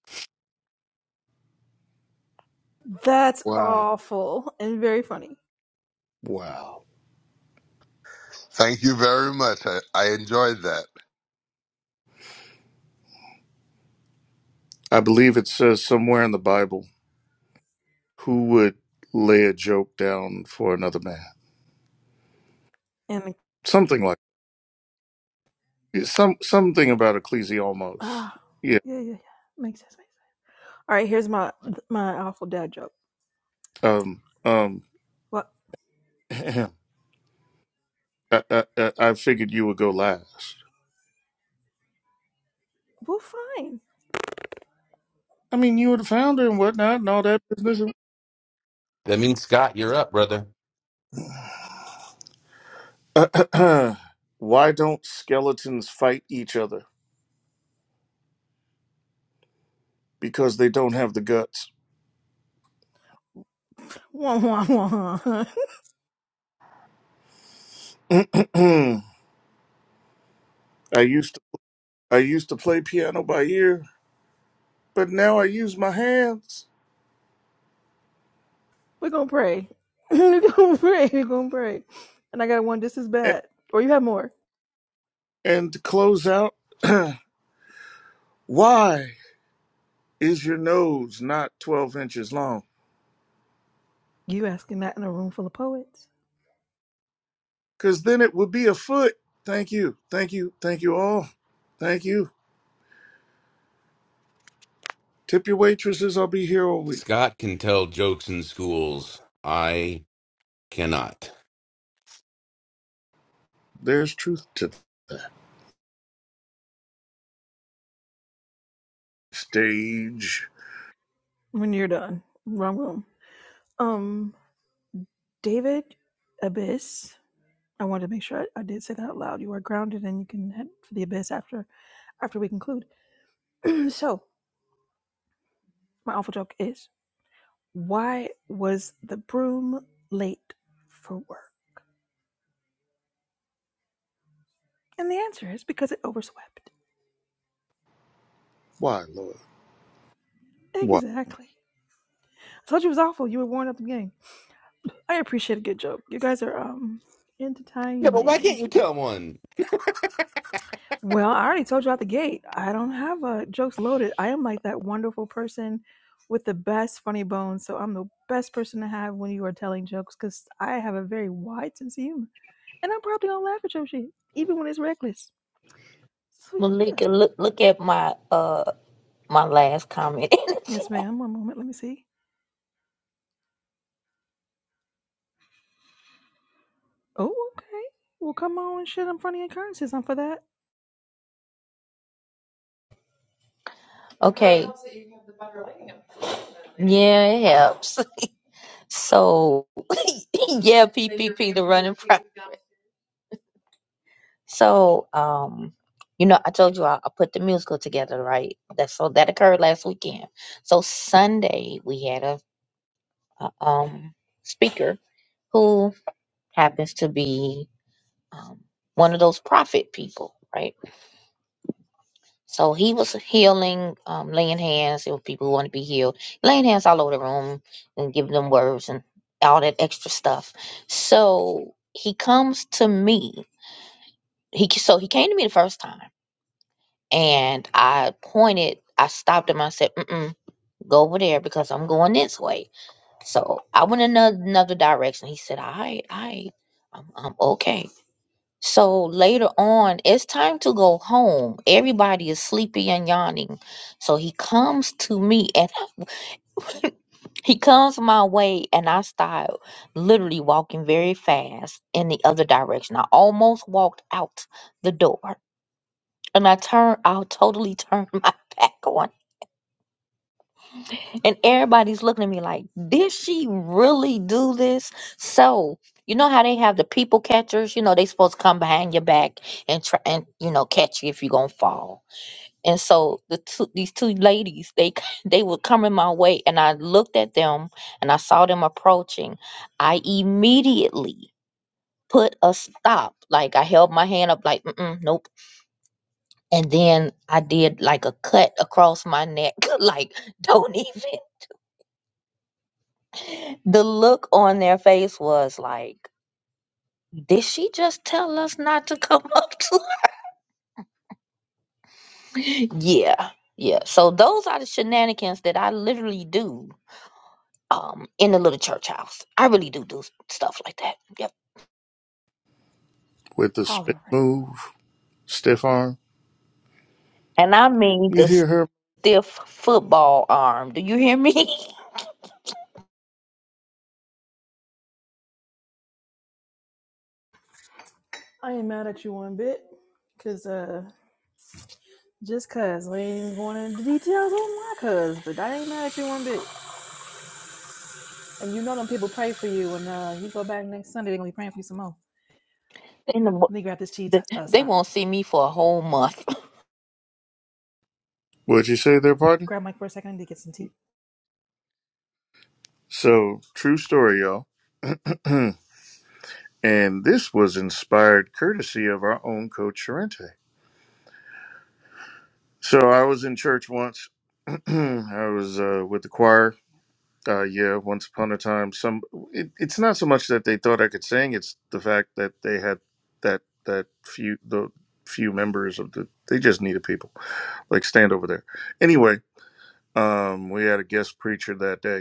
[SPEAKER 1] That's
[SPEAKER 5] wow,
[SPEAKER 1] awful and very funny.
[SPEAKER 5] wow!
[SPEAKER 2] Thank you very much. I, I enjoyed that.
[SPEAKER 5] I believe it says somewhere in the Bible, "Who would lay a joke down for another man?"
[SPEAKER 1] And
[SPEAKER 5] Something like yeah, some something about Ecclesi
[SPEAKER 1] ah,
[SPEAKER 5] almost. Yeah.
[SPEAKER 1] yeah, yeah, yeah. Makes sense. Makes sense. All right, here's my my awful dad joke.
[SPEAKER 5] Um. Um.
[SPEAKER 1] Well,
[SPEAKER 5] I, I, I I figured you would go last.
[SPEAKER 1] we're fine.
[SPEAKER 5] I mean, you were the founder and whatnot, and all that business.
[SPEAKER 8] That means Scott, you're up, brother.
[SPEAKER 5] Why don't skeletons fight each other? Because they don't have the guts.
[SPEAKER 1] Wah, wah, wah.
[SPEAKER 5] I used to, I used to play piano by ear, but now I use my hands.
[SPEAKER 1] We're gonna pray. we're gonna pray. We're gonna pray. And I got one just as
[SPEAKER 5] And,
[SPEAKER 1] bad. Or you have more.
[SPEAKER 5] and to close out, why is your nose not 12 inches long?
[SPEAKER 1] You asking that in a room full of poets?
[SPEAKER 5] Because then it would be a foot. Thank you. Thank you. Thank you all. Thank you. Tip your waitresses. I'll be here all week.
[SPEAKER 8] Scott can tell jokes in schools. I cannot.
[SPEAKER 5] There's truth to that. Stage.
[SPEAKER 1] When you're done, wrong room. Um, David Abyss. I wanted to make sure I, I did say that out loud. You are grounded, and you can head for the abyss after after we conclude. so my awful joke is. Why was the broom late for work? And the answer is because it overswept.
[SPEAKER 5] Why, Lord? Why?
[SPEAKER 1] Exactly. I told you it was awful. You were worn up the game. I appreciate a good joke. You guys are um
[SPEAKER 8] Yeah, but why
[SPEAKER 1] entertaining.
[SPEAKER 8] can't you tell one?
[SPEAKER 1] Well, I already told you out the gate. I don't have uh, jokes loaded. I am like that wonderful person with the best funny bones. So I'm the best person to have when you are telling jokes because I have a very wide sense of humor. And I'm probably gonna laugh at your shit, even when it's reckless. So yeah.
[SPEAKER 3] Malika, look look at my uh my last comment in the
[SPEAKER 1] Yes,
[SPEAKER 3] chat.
[SPEAKER 1] ma'am. One moment. Let me see. Oh, okay. Well, come on and shit in front of your currencies. I'm for that.
[SPEAKER 3] Okay. Yeah, it helps. So yeah, P P P the running pro. So um, you know, I told you I, I put the musical together, right? That so that occurred last weekend. So Sunday we had a, a um speaker who happens to be um one of those prophet people, right? So he was healing, um, laying hands on people who want to be healed, laying hands all over the room and giving them words and all that extra stuff. So he comes to me. He so he came to me the first time, and I pointed. I stopped him. I said, Mm-mm, "Go over there because I'm going this way." So I went another another direction. He said, "All right, all right, I'm, I'm okay." So later on, it's time to go home. Everybody is sleepy and yawning. So he comes to me and he comes my way, and I start literally walking very fast in the other direction. I almost walked out the door. And I turn, I'll totally turn my back on. And everybody's looking at me like, did she really do this? So, you know how they have the people catchers? You know, they supposed to come behind your back and try and, you know, catch you if you're going to fall. And so the two, these two ladies, they c- they were coming my way, and I looked at them and I saw them approaching. I immediately put a stop. Like I held my hand up, like Mm-mm, nope. And then I did like a cut across my neck, like don't even. The look on their face was like, did she just tell us not to come up to? her?" yeah, yeah. So those are the shenanigans that I literally do um, in the little church house. I really do do stuff like that. Yep.
[SPEAKER 5] with the spin
[SPEAKER 1] Hollering.
[SPEAKER 5] move, stiff arm.
[SPEAKER 3] And I mean
[SPEAKER 5] You
[SPEAKER 3] the
[SPEAKER 5] hear her?
[SPEAKER 3] stiff football arm. Do you hear me?
[SPEAKER 1] I ain't mad at you one bit. Cause, uh, just cause we ain't going into details on my cuz, but I ain't mad at you one bit. And you know them people pray for you, and uh, you go back next Sunday, they're gonna be praying for you some more.
[SPEAKER 3] in the, mo-
[SPEAKER 1] Let me grab this tea, t-
[SPEAKER 3] the,
[SPEAKER 1] uh,
[SPEAKER 3] they
[SPEAKER 1] Scott.
[SPEAKER 3] won't see me for a whole month.
[SPEAKER 5] What'd you say there, partner?
[SPEAKER 1] Grab Mike for a second and get some tea.
[SPEAKER 5] So, true story, y'all. and this was inspired courtesy of our own coach Sorrente. So, I was in church once. I was uh, with the choir. Uh, yeah, once upon a time, some. It, it's not so much that they thought I could sing; it's the fact that they had that that few the few members of the. They just needed people like stand over there. Anyway, um, we had a guest preacher that day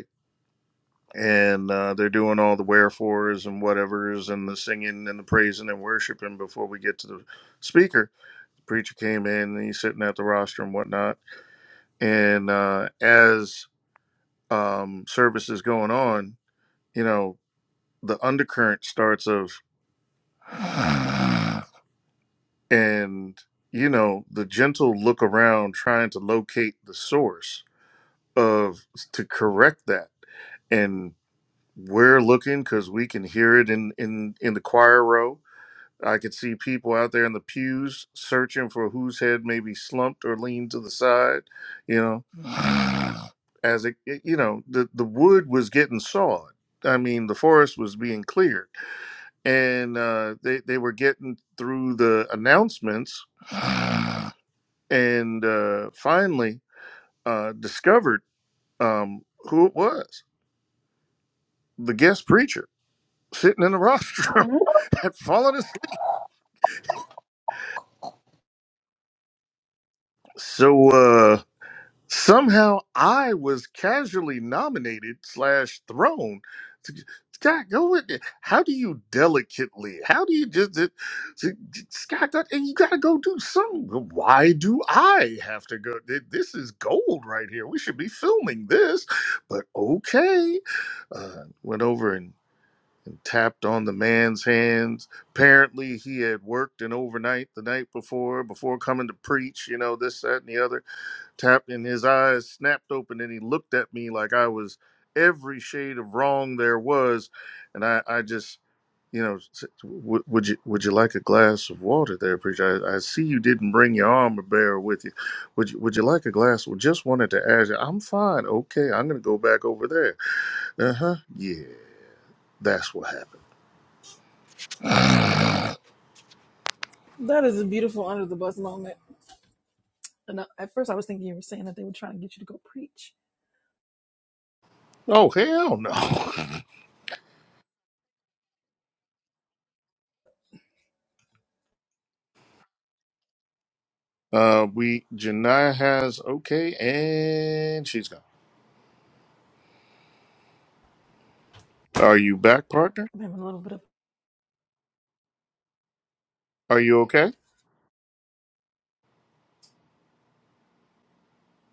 [SPEAKER 5] and uh, they're doing all the wherefores and whatevers and the singing and the praising and worshiping before we get to the speaker. The preacher came in and he's sitting at the roster and whatnot. And uh, as um, service is going on, you know, the undercurrent starts of, and you know, the gentle look around trying to locate the source of to correct that. And we're looking because we can hear it in in in the choir row I could see people out there in the pews searching for whose head may be slumped or leaned to the side, you know, as it, it- you know, the, the wood was getting sawed. I mean, the forest was being cleared and uh, they, they were getting through the announcements and uh, finally uh, discovered um, who it was the guest preacher sitting in the rostrum had fallen asleep. So, uh, Somehow I was casually nominated slash thrown. Scott, go with it. How do you delicately? How do you just it- Scott? That, and you gotta go do something. Why do I have to go? Th- This is gold right here. We should be filming this. But okay, uh, went over and tapped on the man's hands. Apparently, he had worked an overnight the night before, before coming to preach. You know this, that, and the other tapped and his eyes snapped open and he looked at me like I was every shade of wrong there was and I, I just you know s- w- would you would you like a glass of water there preacher I, I see you didn't bring your armor bearer with you would you would you like a glass well just wanted to ask you I'm fine okay I'm gonna go back over there uh-huh yeah that's what happened
[SPEAKER 1] That is a beautiful under the bus moment. And I, at first, I was thinking you were saying that they were trying to get you to go preach.
[SPEAKER 5] oh hell no uh we Janiyah has okay and she's gone are you back partner
[SPEAKER 1] I'm having a little bit of
[SPEAKER 5] are you okay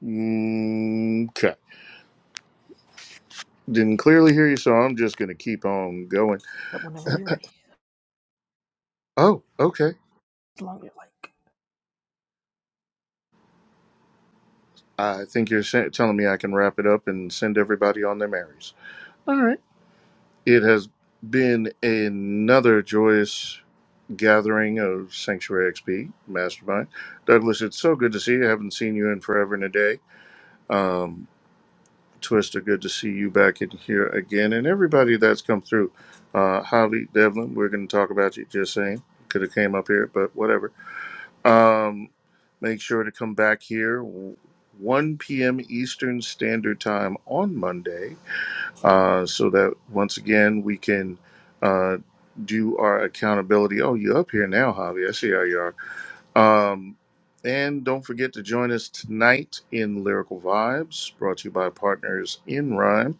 [SPEAKER 5] Mm, Okay. Didn't clearly hear you, so I'm just going to keep on going.
[SPEAKER 1] whenever you're ready,
[SPEAKER 5] Oh, okay.
[SPEAKER 1] as long as you like.
[SPEAKER 5] I think you're sa- telling me I can wrap it up and send everybody on their merries. All right. It has been another joyous gathering of Sanctuary XP Mastermind. Douglas, it's so good to see you. I haven't seen you in forever and a day. Um, Twister, good to see you back in here again. And everybody that's come through. Uh, Holly, Devlin, we're going to talk about you, just saying. Could have came up here, but whatever Um, make sure to come back here 1 p.m. Eastern Standard Time on Monday uh, so that once again we can uh, do our accountability. Oh, you're up here now, Javi. I see how you are. Um, and don't forget to join us tonight in Lyrical Vibes, brought to you by Partners in Rhyme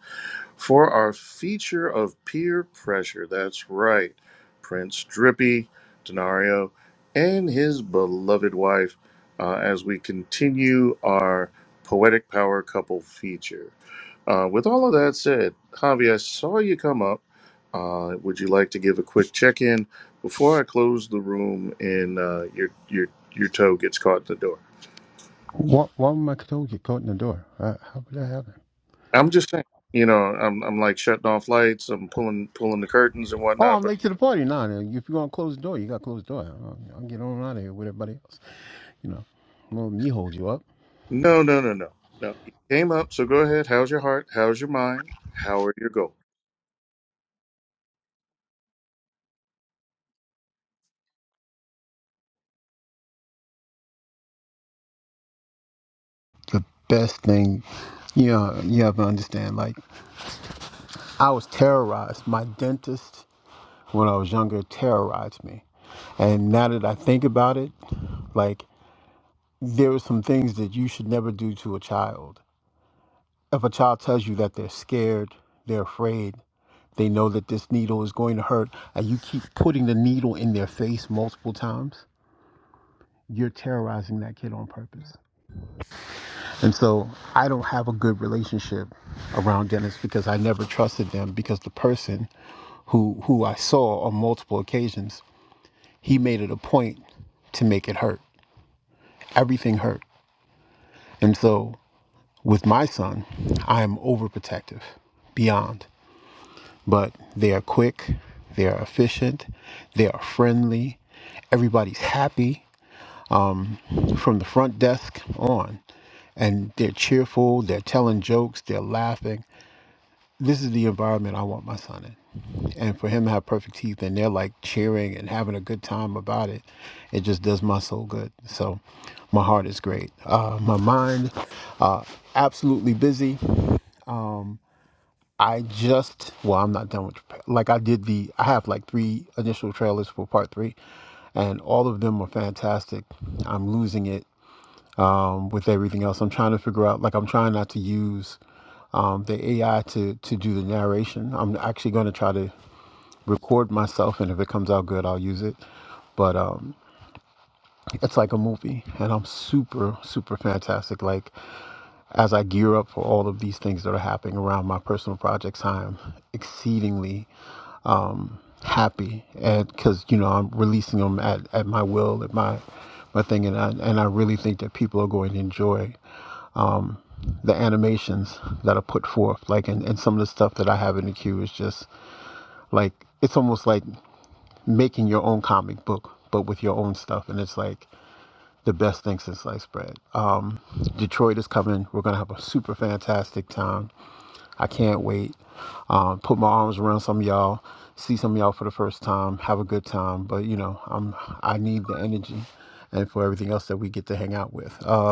[SPEAKER 5] for our feature of peer pressure. That's right, Prince Drippy Denario and his beloved wife uh, as we continue our poetic power couple feature. Uh, with all of that said, Javi, I saw you come up. Uh, would you like to give a quick check in before I close the room and uh, your your your toe gets caught in the door?
[SPEAKER 9] Why, why would my toe get caught in the door? Uh, how would that happen?
[SPEAKER 5] I'm just saying, you know, I'm I'm like shutting off lights, I'm pulling pulling the curtains and
[SPEAKER 9] Oh,
[SPEAKER 5] whatnot,
[SPEAKER 9] I'm late to the party. Nah, then if you're gonna close the door, you gotta close the door. I'll, I'll get on out of here with everybody else. You know, well, me hold you up.
[SPEAKER 5] No, no, no, no. No. You came up, so go ahead. How's your heart? How's your mind? How are your goals?
[SPEAKER 9] The best thing, you know, you have to understand. Like, I was terrorized. My dentist, when I was younger, terrorized me. And now that I think about it, like there are some things that you should never do to a child If a child tells you that they're scared, they're afraid, they know that this needle is going to hurt, and you keep putting the needle in their face multiple times, you're terrorizing that kid on purpose. And so I don't have a good relationship around dentists because I never trusted them because the person who who I saw on multiple occasions, he made it a point to make it hurt. Everything hurt. And so with my son, I am overprotective beyond. but they are quick, they are efficient, they are friendly. Everybody's happy from the front desk on, and they're cheerful, they're telling jokes, they're laughing. This is the environment I want my son in. And for him to have perfect teeth and they're like cheering and having a good time about it, it just does my soul good. So my heart is great. Uh, my mind, uh, absolutely busy. I just well, I'm not done with like I did the I have like three initial trailers for part three, and all of them are fantastic. I'm losing it um, with everything else. I'm trying to figure out like I'm trying not to use um, the AI to to do the narration. I'm actually going to try to record myself, and if it comes out good, I'll use it. But um, it's like a movie, and I'm super super fantastic. Like as I gear up for all of these things that are happening around my personal projects, I am exceedingly happy and because you know i'm releasing them at, at my will at my my thing and I, and I really think that people are going to enjoy the animations that are put forth like and, and some of the stuff that i have in the queue is just like it's almost like making your own comic book but with your own stuff and it's like the best thing since sliced bread um, detroit is coming we're going to have a super fantastic time I can't wait. Um, put my arms around some of y'all, see some of y'all for the first time, have a good time. But you know, I'm I need the energy, and for everything else that we get to hang out with, uh,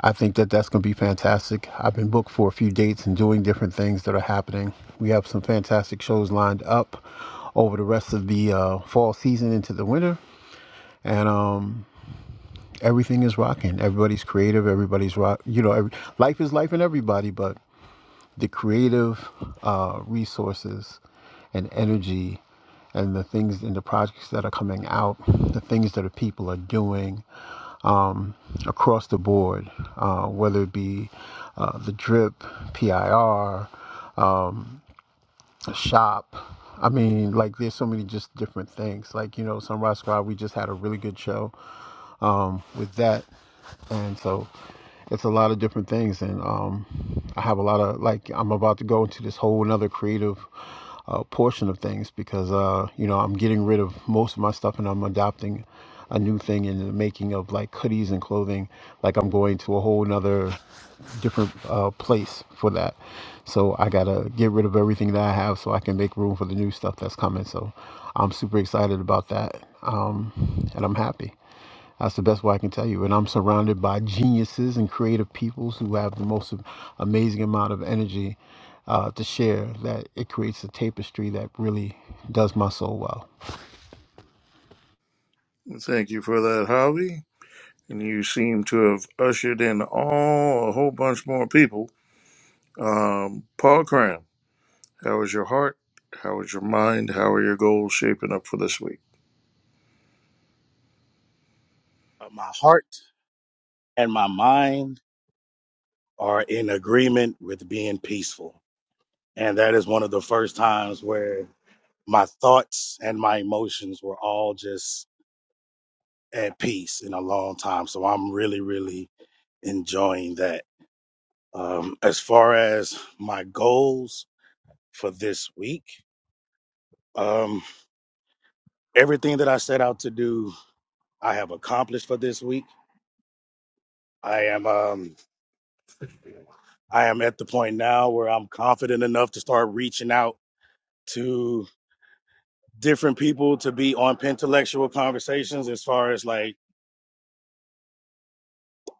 [SPEAKER 9] I think that that's gonna be fantastic. I've been booked for a few dates and doing different things that are happening. We have some fantastic shows lined up over the rest of the uh, fall season into the winter. And um, everything is rocking. Everybody's creative. Everybody's rock. You know, every, life is life in everybody. But the creative uh, resources and energy and the things and the projects that are coming out, the things that the people are doing across the board, uh, whether it be uh, the drip, PIR, the shop. I mean, like there's so many just different things. Like you know, Sunrise Squad, we just had a really good show um, with that. And so it's a lot of different things. And um, I have a lot of, like, I'm about to go into this whole another creative uh, portion of things because, uh, you know, I'm getting rid of most of my stuff and I'm adopting a new thing in the making of like hoodies and clothing. Like, I'm going to a whole nother different uh, place for that. So I gotta get rid of everything that I have so I can make room for the new stuff that's coming. So I'm super excited about that, um, and I'm happy. That's the best way I can tell you. And I'm surrounded by geniuses and creative peoples who have the most amazing amount of energy uh, to share that it creates a tapestry that really does my soul well.
[SPEAKER 5] Thank you for that, Javi. And you seem to have ushered in all a whole bunch more people. Um, Paul Cram, how is your heart? How is your mind? How are your goals shaping up for this week?
[SPEAKER 10] Uh, my heart and my mind are in agreement with being peaceful. And that is one of the first times where my thoughts and my emotions were all just at peace in a long time. So I'm really, really enjoying that. Um, as far as my goals for this week, um, everything that I set out to do, I have accomplished for this week. I am um, I am at the point now where I'm confident enough to start reaching out to different people to be on intellectual conversations as far as like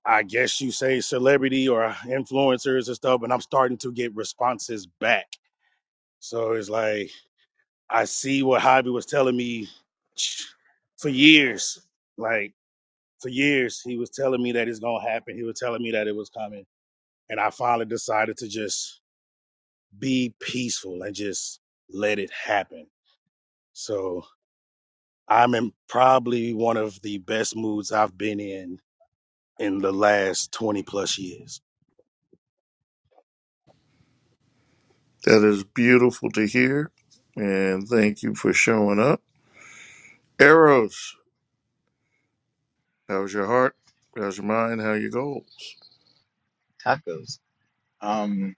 [SPEAKER 10] I guess you say celebrity or influencers and stuff, but I'm starting to get responses back. So it's like I see what Hobby was telling me for years. Like for years, he was telling me that it's gonna happen. He was telling me that it was coming, and I finally decided to just be peaceful and just let it happen. So I'm in probably one of the best moods I've been in in the last 20 plus years.
[SPEAKER 5] That is beautiful to hear. And thank you for showing up. Eros, how's your heart? How's your mind? How are your goals?
[SPEAKER 11] tacos. Um,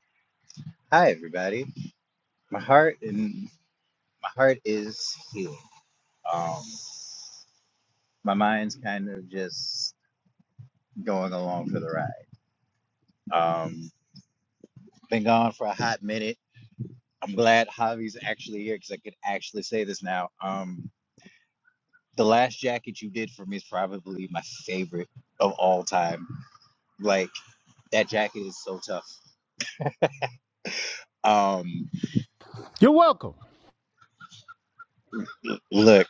[SPEAKER 11] hi everybody. My heart and my heart is healing. Um, my mind's kind of just going along for the ride. Um, been gone for a hot minute. I'm glad Javi's actually here because I could actually say this now. Um, the last jacket you did for me is probably my favorite of all time. Like that jacket is so tough. Um,
[SPEAKER 9] You're welcome.
[SPEAKER 11] look.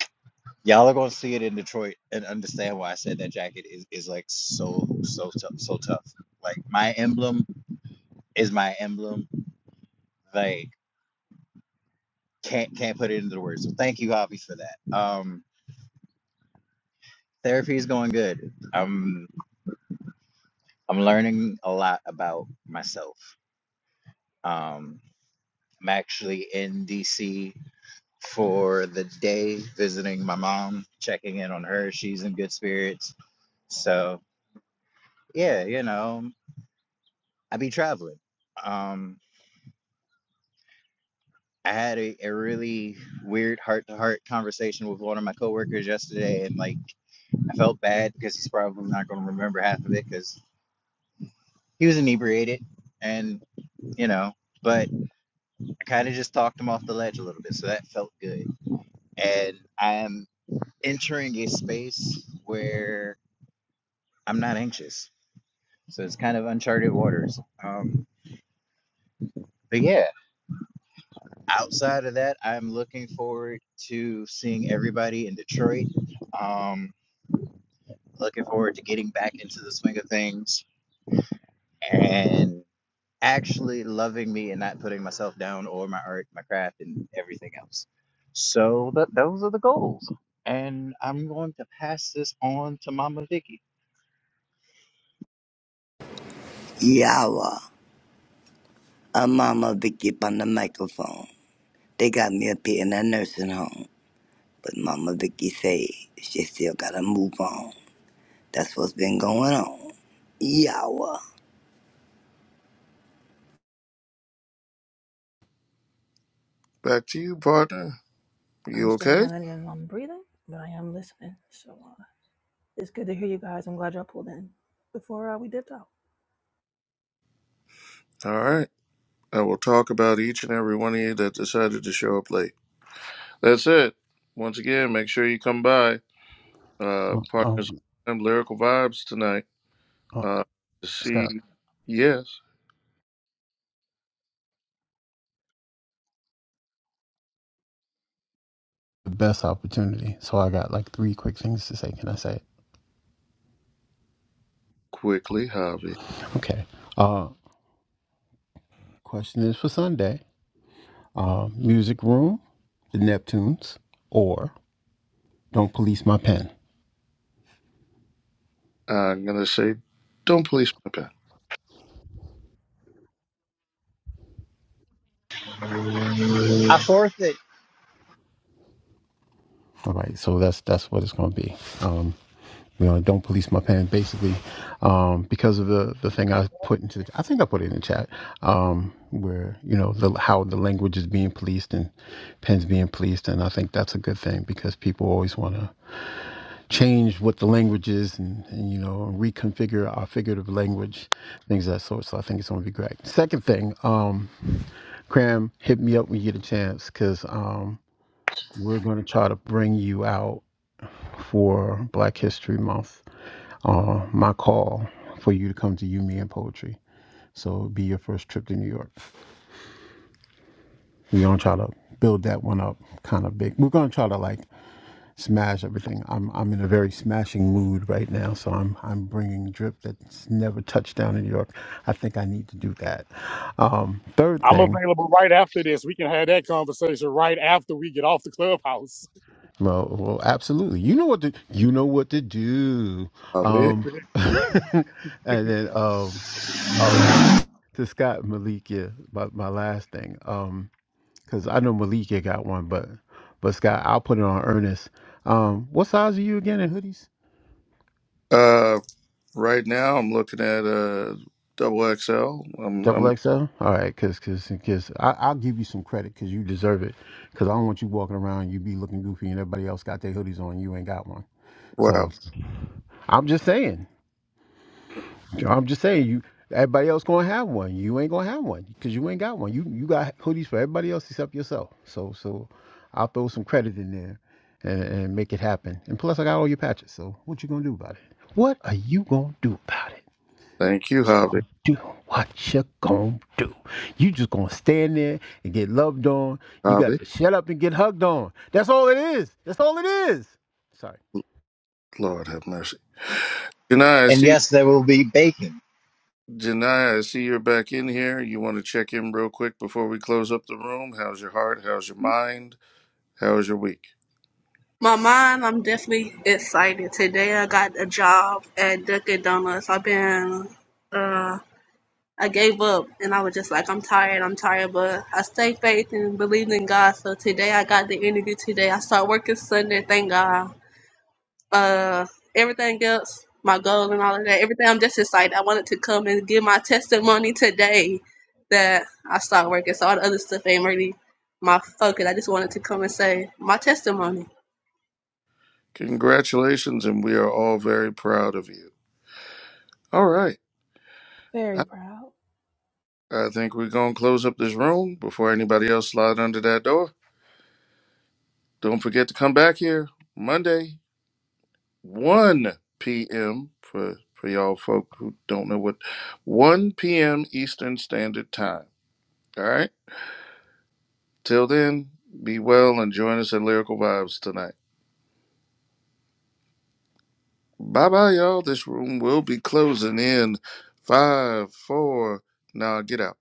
[SPEAKER 11] Y'all are gonna see it in Detroit and understand why I said that jacket is, is like so so tough so tough. Like my emblem is my emblem. Like can't can't put it into the words. So thank you, Javi, for that. Um therapy is going good. I'm I'm learning a lot about myself. Um I'm actually in DC for the day visiting my mom, checking in on her. She's in good spirits. So yeah, you know, I be traveling. Um I had a, a really weird heart to heart conversation with one of my coworkers yesterday, and like I felt bad because he's probably not going to remember half of it because he was inebriated, and you know, but I kind of just talked him off the ledge a little bit, so that felt good. And I am entering a space where I'm not anxious, so it's kind of uncharted waters. Um, but yeah, outside of that, I'm looking forward to seeing everybody in Detroit. Um, Looking forward to getting back into the swing of things and actually loving me and not putting myself down or my art, my craft, and everything else. So that those are the goals. And I'm going to pass this on to Mama Vicky.
[SPEAKER 12] Yawa, a Mama Vicky up on the microphone. They got me up here in that nursing home, but Mama Vicky say she still gotta move on. That's what's been going on. Yawa.
[SPEAKER 5] Back to you, partner.
[SPEAKER 1] I'm
[SPEAKER 5] You
[SPEAKER 1] still
[SPEAKER 5] okay?
[SPEAKER 1] managing on breathing, but I am listening. So uh, it's good to hear you guys. I'm glad y'all pulled in before uh, we dipped out.
[SPEAKER 5] All right. I will talk about each and every one of you that decided to show up late. That's it. Once again, make sure you come by. Uh,
[SPEAKER 9] Um,
[SPEAKER 5] Partners and Lyrical Vibes tonight.
[SPEAKER 9] uh,
[SPEAKER 5] Uh, to see,
[SPEAKER 9] Scott,
[SPEAKER 5] yes,
[SPEAKER 9] the best opportunity. So I got like three quick things to say. Can I say it?
[SPEAKER 5] quickly, Javi.
[SPEAKER 9] Okay. Uh, question is for Sunday. Uh, music room, the Neptunes, or don't police my pen.
[SPEAKER 5] I'm going to say, don't police my pen.
[SPEAKER 11] I forfeit.
[SPEAKER 9] All right. So that's that's what it's going to be. Um, you know, don't police my pen, basically, um, because of the the thing I put into the, I think I put it in the chat, um, where you know the how the language is being policed and pens being policed, and I think that's a good thing because people always want to change what the language is and, and you know reconfigure our figurative language, things of that sort. So I think it's going to be great. Second thing, um, Cram, hit me up when you get a chance because um, we're going to try to bring you out for Black History Month uh, my call for you to come to You, Me, and Poetry. So it'll be your first trip to New York. We're gonna try to build that one up kind of big. We're gonna try to like smash everything. I'm I'm in a very smashing mood right now, so I'm I'm bringing drip that's never touched down in New York. I think I need to do that. Um, third
[SPEAKER 10] I'm
[SPEAKER 9] thing,
[SPEAKER 10] available right after this. We can have that conversation right after we get off the clubhouse.
[SPEAKER 9] well, well, absolutely. You know what to you know what to do.
[SPEAKER 5] Javi.
[SPEAKER 9] Um, and then um, oh, to, to Scott Malik, yeah, my, my last thing. Um, Cause I know Malika got one, but but Scott, I'll put it on Ernest. Um, what size are you again in hoodies?
[SPEAKER 5] Uh, right now, I'm looking at uh, double XL. I'm, I'm,
[SPEAKER 9] Double XL. All right, cause cause cause I, I'll give you some credit because you deserve it. Cause I don't want you walking around you be looking goofy and everybody else got their hoodies on you ain't got one. So
[SPEAKER 5] wow.
[SPEAKER 9] I'm just saying. I'm just saying, you everybody else gonna have one. You ain't gonna have one because you ain't got one. You you got hoodies for everybody else except yourself. So so I'll throw some credit in there and, and make it happen. And plus, I got all your patches. So what you gonna do about it? What are you gonna do about it?
[SPEAKER 5] Thank you, Javi.
[SPEAKER 9] Do what you gonna do? You just gonna stand there and get loved on. You got
[SPEAKER 5] Javi.
[SPEAKER 9] to shut up and get hugged on. That's all it is. That's all it is. Sorry.
[SPEAKER 5] Lord have mercy. Good night. I
[SPEAKER 11] And
[SPEAKER 5] see you.
[SPEAKER 11] yes, there will be bacon.
[SPEAKER 5] Janiyah, I see you're back in here. You want to check in real quick before we close up the room? How's your heart? How's your mind? How's your week?
[SPEAKER 13] My mind, I'm definitely excited. Today I got a job at Dunkin' Donuts. I've been, uh, I gave up and I was just like, I'm tired, I'm tired, but I stay faith and believed in God. So today I got the interview today. I start working Sunday, thank God. Uh, everything else, my goal and all of that, everything, I'm just excited. I wanted to come and give my testimony today that I start working. So all the other stuff ain't really my focus. I just wanted to come and say my testimony.
[SPEAKER 5] Congratulations, and we are all very proud of you. All right.
[SPEAKER 1] Very
[SPEAKER 5] I
[SPEAKER 1] proud.
[SPEAKER 5] I think we're going to close up this room before anybody else slide under that door. Don't forget to come back here Monday, 1 p.m. for, for y'all folk who don't know what 1 p.m. Eastern Standard Time. All right. Till then, be well and join us at Lyrical Vibes tonight. Bye bye, y'all. This room will be closing in five, four. Now get out.